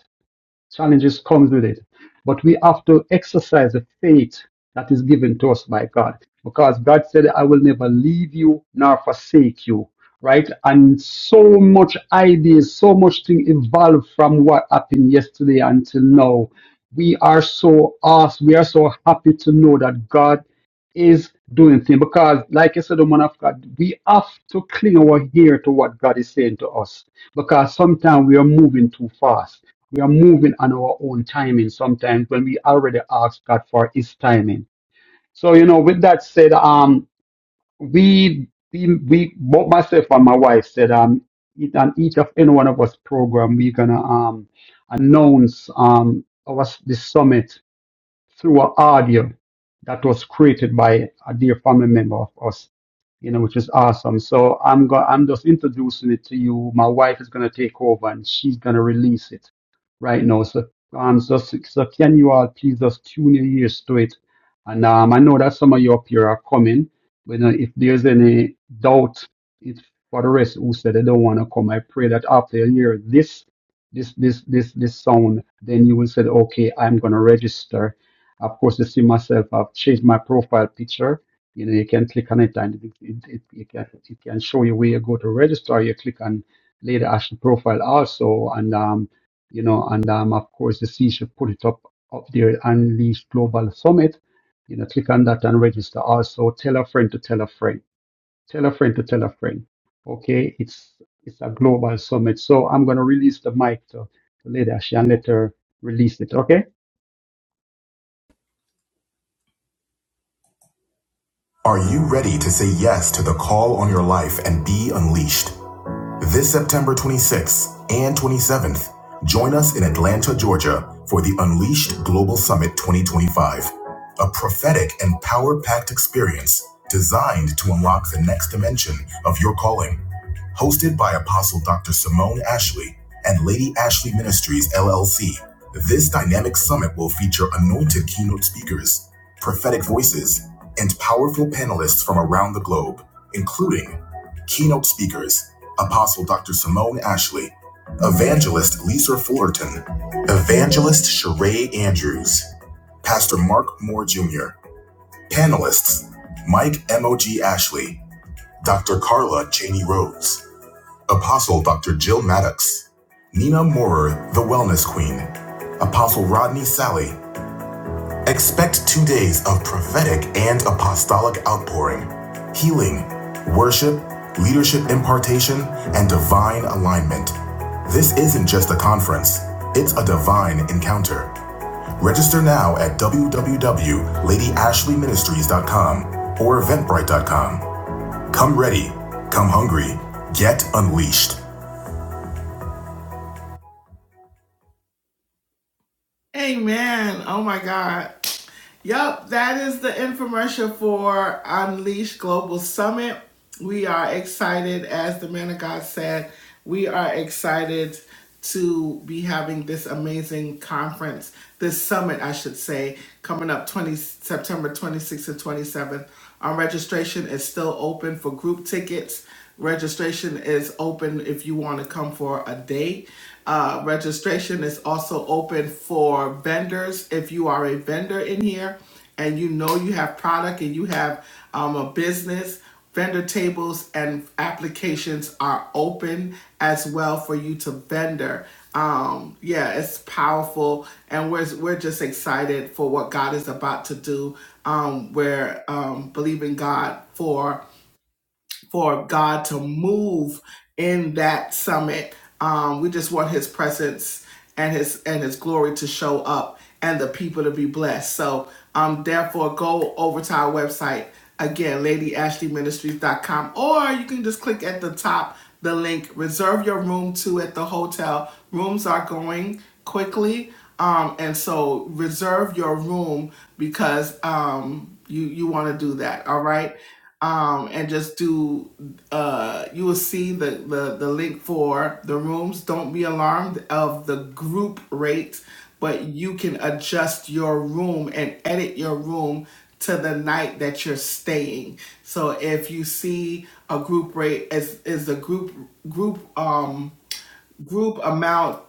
challenges comes with it. But we have to exercise the faith that is given to us by God. Because God said, I will never leave you nor forsake you. Right? And so much ideas, so much thing evolved from what happened yesterday until now. We are so awesome. We are so happy to know that God is doing things. Because, like I said, the man of God, we have to cling our ear to what God is saying to us. Because sometimes we are moving too fast we are moving on our own timing sometimes when we already ask God for His timing. So you know, with that said, um, we we, we both myself and my wife said um, each- on each of any one of us program we're gonna um announce um our the summit through an audio that was created by a dear family member of us, you know, which is awesome. So I'm go- I'm just introducing it to you. My wife is gonna take over and she's gonna release it right now. So um, so, so can you all please just tune your ears to it? And um, I know that some of you up here are coming, but uh, if there's any doubt, it's for the rest who said they don't want to come. I pray that after you hear this, this, this, this, this sound, then you will say, okay, I'm gonna register of course, you see myself. I've changed my profile picture. You know, you can click on it and it, it, it, it, can, it can show you where you go to register. You click on Lady Ashley profile also. And, um, you know, and um, of course, you see she put it up, up there, Unleash Global Summit. You know, click on that and register also. Tell a friend to tell a friend. Tell a friend to tell a friend. Okay, it's it's a global summit. So I'm going to release the mic to, to Lady Ashley and let her release it. Okay? Are you ready to say yes to the call on your life and be unleashed? This September 26th and 27th, join us in Atlanta, Georgia for the Unleashed Global Summit 2025, a prophetic and power packed experience designed to unlock the next dimension of your calling. Hosted by Apostle Dr. Simone Ashley and Lady Ashley Ministries, LLC, this dynamic summit will feature anointed keynote speakers, prophetic voices, and powerful panelists from around the globe, including Keynote speakers Apostle Dr. Simone Ashley, Evangelist Lisa Fullerton, Evangelist Sheree Andrews, Pastor Mark Moore Jr., Panelists Mike M.O.G. Ashley, Dr. Carla Cheney Rhodes, Apostle Dr. Jill Maddox, Nina Moorer, the Wellness Queen, Apostle Rodney Sally, Expect two days of prophetic and apostolic outpouring, healing, worship, leadership impartation, and divine alignment. This isn't just a conference, it's a divine encounter. Register now at www.ladyashleyministries.com or eventbrite.com. Come ready, come hungry, get unleashed. Amen. Oh my God. Yup, that is the infomercial for Unleash Global Summit. We are excited, as the man of God said, we are excited to be having this amazing conference, this summit, I should say, coming up 20 September 26th and 27th. Our registration is still open for group tickets. Registration is open if you want to come for a day. Uh, registration is also open for vendors. If you are a vendor in here and you know you have product and you have um, a business, vendor tables and applications are open as well for you to vendor. Um, yeah, it's powerful, and we're we're just excited for what God is about to do. Um, we're um, believing God for for God to move in that summit. Um, we just want His presence and His and His glory to show up and the people to be blessed. So, um, therefore, go over to our website again, LadyAshleyMinistries.com, or you can just click at the top the link. Reserve your room too at the hotel. Rooms are going quickly, um, and so reserve your room because um, you you want to do that. All right um, and just do. Uh, you will see the, the the link for the rooms. Don't be alarmed of the group rate, but you can adjust your room and edit your room to the night that you're staying. So if you see a group rate is is the group group um group amount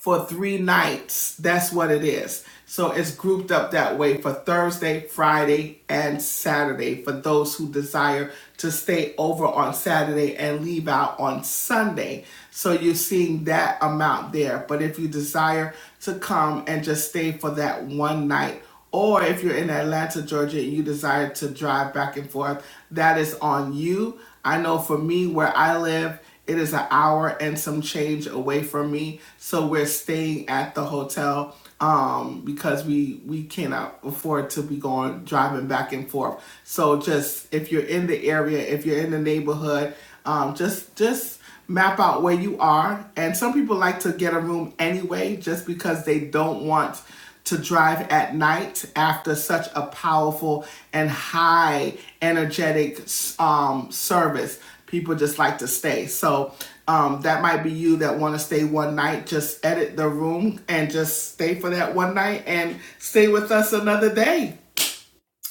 for three nights. That's what it is. So it's grouped up that way for Thursday, Friday, and Saturday for those who desire to stay over on Saturday and leave out on Sunday. So you're seeing that amount there. But if you desire to come and just stay for that one night, or if you're in Atlanta, Georgia, and you desire to drive back and forth, that is on you. I know for me, where I live, it is an hour and some change away from me, so we're staying at the hotel um, because we we cannot afford to be going driving back and forth. So just if you're in the area, if you're in the neighborhood, um, just just map out where you are. And some people like to get a room anyway just because they don't want to drive at night after such a powerful and high energetic um, service. People just like to stay. So um, that might be you that want to stay one night. Just edit the room and just stay for that one night and stay with us another day.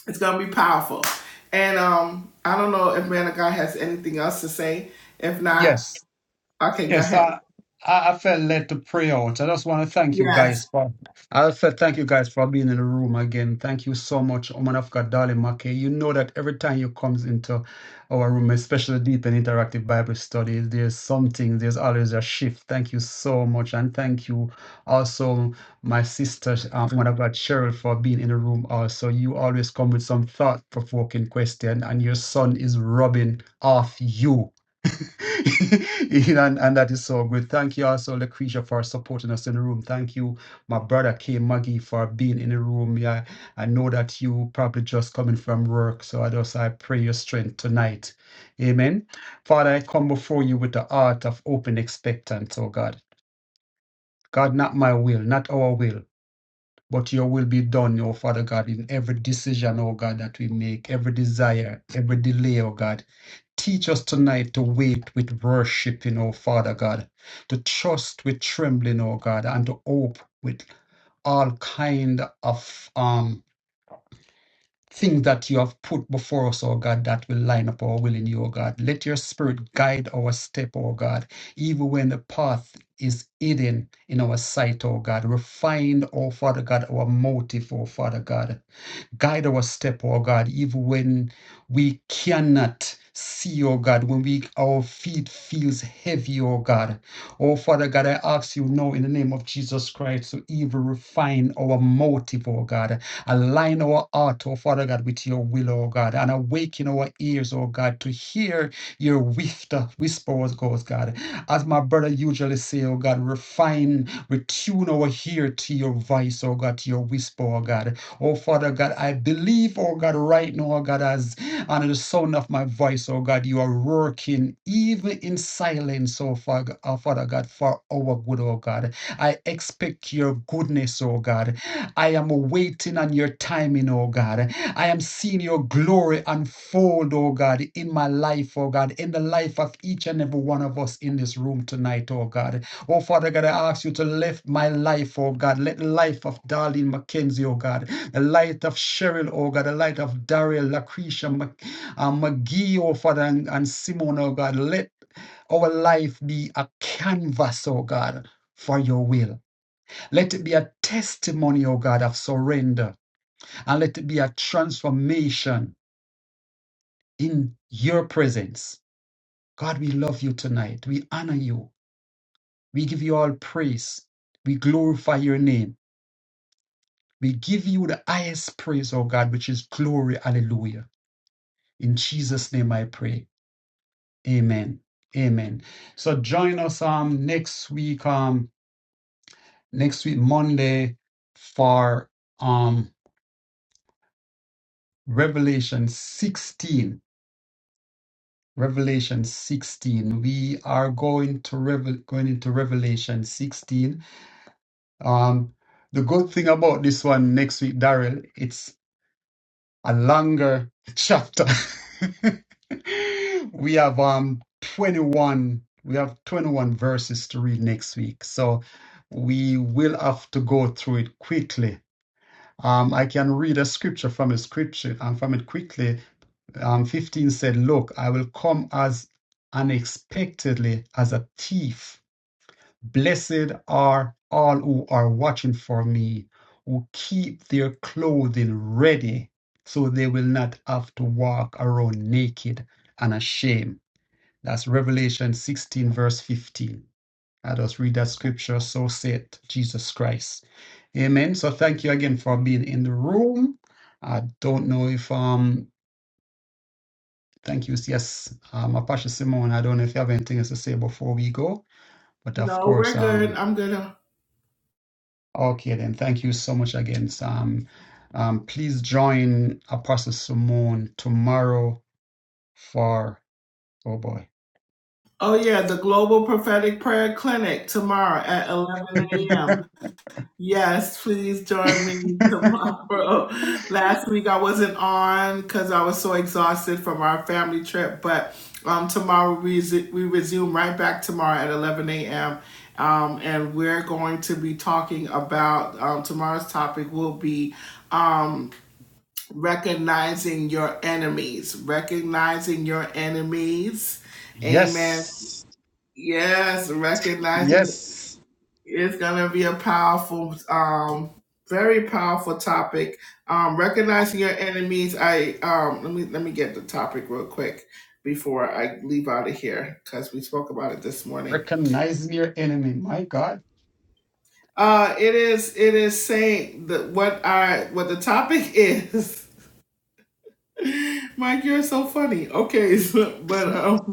It's gonna be powerful. And um, I don't know if Man of God has anything else to say. If not, Yes. Okay, go Yes, ahead. I, I I felt led to pray out. I just want to thank you Yes. guys for. I felt thank you guys for being in the room again. Thank you so much, Oman of God, darling Maki. You know that every time you comes into our room, especially deep and interactive Bible studies, there's something. There's always a shift. Thank you so much, and thank you also, my sister, um, Woman of God, Cheryl, for being in the room. Also, you always come with some thought-provoking question, and your son is rubbing off you. <laughs> and, and that is so good. Thank you also, Lucretia, for supporting us in the room. Thank you, my brother K. Maggie, for being in the room. Yeah, I know that you probably just coming from work, so I just I pray your strength tonight. Amen. Father, I come before you with the heart of open expectance, oh God. God, not my will, not our will, but your will be done, oh Father God, in every decision, oh God, that we make, every desire, every delay, oh God. Teach us tonight to wait with worshiping, O Father God, to trust with trembling, O God, and to hope with all kind of um things that you have put before us, O God, that will line up our will in you, O God. Let your spirit guide our step, O God, even when the path is hidden in our sight, O God. Refine, O Father God, our motive, O Father God. Guide our step, oh God, even when we cannot see, oh God, when we our feet feels heavy, oh God. Oh Father God, I ask you now in the name of Jesus Christ to even refine our motive, oh God. Align our heart, oh Father God, with your will, oh God, and awaken our ears, oh God, to hear your whisper, whisper, oh God. As my brother usually say, oh God, refine, retune our ear to your voice, oh God, to your whisper, oh God. Oh, Father God, I believe, oh God, right now, oh God, as under the sound of my voice, oh God, you are working even in silence, oh Father, oh Father God, for our good, oh God. I expect your goodness, oh God. I am waiting on your timing, oh God. I am seeing your glory unfold, oh God, in my life, oh God, in the life of each and every one of us in this room tonight, oh God. Oh Father God, I ask you to lift my life, oh God. Let the life of Darlene McKenzie, oh God the light of Cheryl, oh God, the light of Daryl, Lucretia, Mc, uh, McGee, oh Father, and, and Simone, oh God. Let our life be a canvas, oh God, for your will. Let it be a testimony, oh God, of surrender, and let it be a transformation in your presence. God, we love you tonight. We honor you. We give you all praise. We glorify your name. We give you the highest praise, oh God, which is glory. Hallelujah. In Jesus' name I pray. Amen. Amen. So join us um next week, um next week, Monday, for um Revelation 16. Revelation 16. We are going to revel going into Revelation 16. Um the good thing about this one next week, Daryl, a longer chapter. <laughs> we have um 21 we have 21 verses to read next week. So we will have to go through it quickly. Um, I can read a scripture from a scripture and from it quickly. Um, 15 said, Look, I will come as unexpectedly as a thief Blessed are all who are watching for me, who keep their clothing ready so they will not have to walk around naked and ashamed. That's Revelation 16, verse 15. I just read that scripture, so said Jesus Christ. Amen. So thank you again for being in the room. I don't know if, um, thank you. Yes, um, Apache Simone, I don't know if you have anything else to say before we go, but of No, course, we're good. um, I'm good. Okay, then. Thank you so much again, Sam. Um, please join Apostle Simone tomorrow for, oh boy. Oh, yeah, the Global Prophetic Prayer Clinic tomorrow at 11 <laughs> a.m. Yes, please join me tomorrow. <laughs> Last week I wasn't on because I was so exhausted from our family trip, but um, tomorrow we, resu- we resume right back tomorrow at 11 a.m. Um, and we're going to be talking about um, tomorrow's topic will be um, recognizing your enemies, recognizing your enemies. Amen. Yes, Yes, recognizing yes. it's gonna be a powerful, um, very powerful topic. Um, recognizing your enemies. I um, let me let me get the topic real quick before I leave out of here because we spoke about it this morning. Recognizing your enemy. My God. Uh, it is it is saying that what I what the topic is. <laughs> Mike, you're so funny. Okay, <laughs> so, but I um,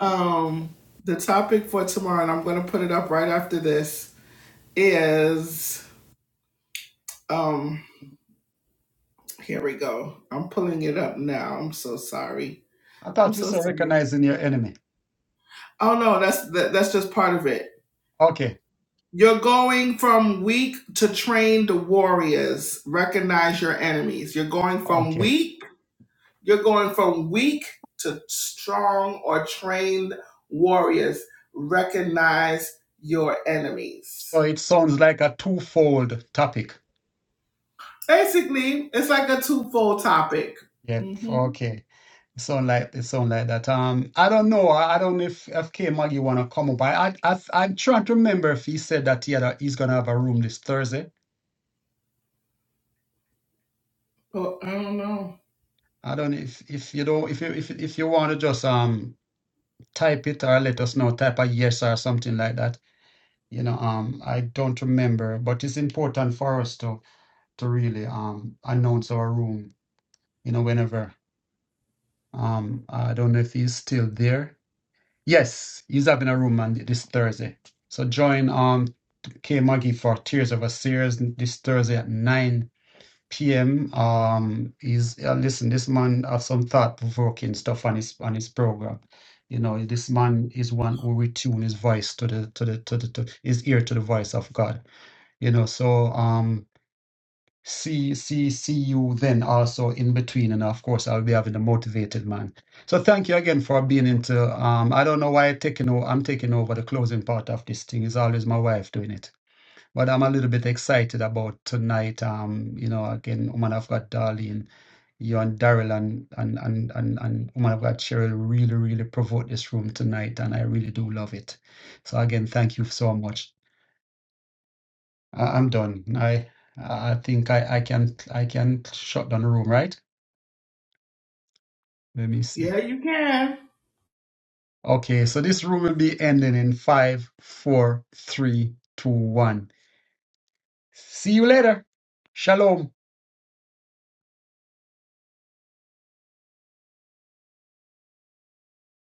Um, the topic for tomorrow, and I'm going to put it up right after this, is um, here we go. I'm pulling it up now. I'm so sorry. I'm thought you so said sorry. recognizing your enemy. Oh no, that's that, that's just part of it. Okay, You're going from weak to trained warriors. Recognize your enemies. You're going from okay. weak. You're going from weak to strong or trained warriors. Recognize your enemies. So it sounds like a twofold topic. Basically, it's like a twofold topic. Yep, Mm-hmm. okay. Sound like it sound like that. Um, I don't know. I I don't know if if K Maggie wanna come up. I I I I'm trying to remember if he said that he had a, he's gonna have a room this Thursday. Well, I don't know. I don't know if if you don't if you if if you want to just um type it or let us know type a yes or something like that. You know, um, I don't remember, but it's important for us to to really um announce our room. You know, whenever um I don't know if he's still there. Yes, he's having a room on this Thursday. So join um K Maggie for Tears of a Series this Thursday at 9 p.m. Um he's uh, listen, this man have some thought provoking stuff on his on his program. You know, this man is one who retune his voice to the to the to the to his ear to the voice of God. You know, so um See, see, see you then also in between, and of course I'll be having a motivated man. So thank you again for being into. Um, I don't know why I'm taking over. I'm taking over the closing part of this thing. It's always my wife doing it, but I'm a little bit excited about tonight. Um, you know, again, woman, i God, Darlene, you and Daryl, and and and and and woman, I've Cheryl. Really, really provoked this room tonight, and I really do love it. So again, thank you so much. I- I'm done. I I think I I can I can shut down the room, right? Let me see. Yeah, you can. Okay, so this room will be ending in five, four, three, two, one. See you later. Shalom.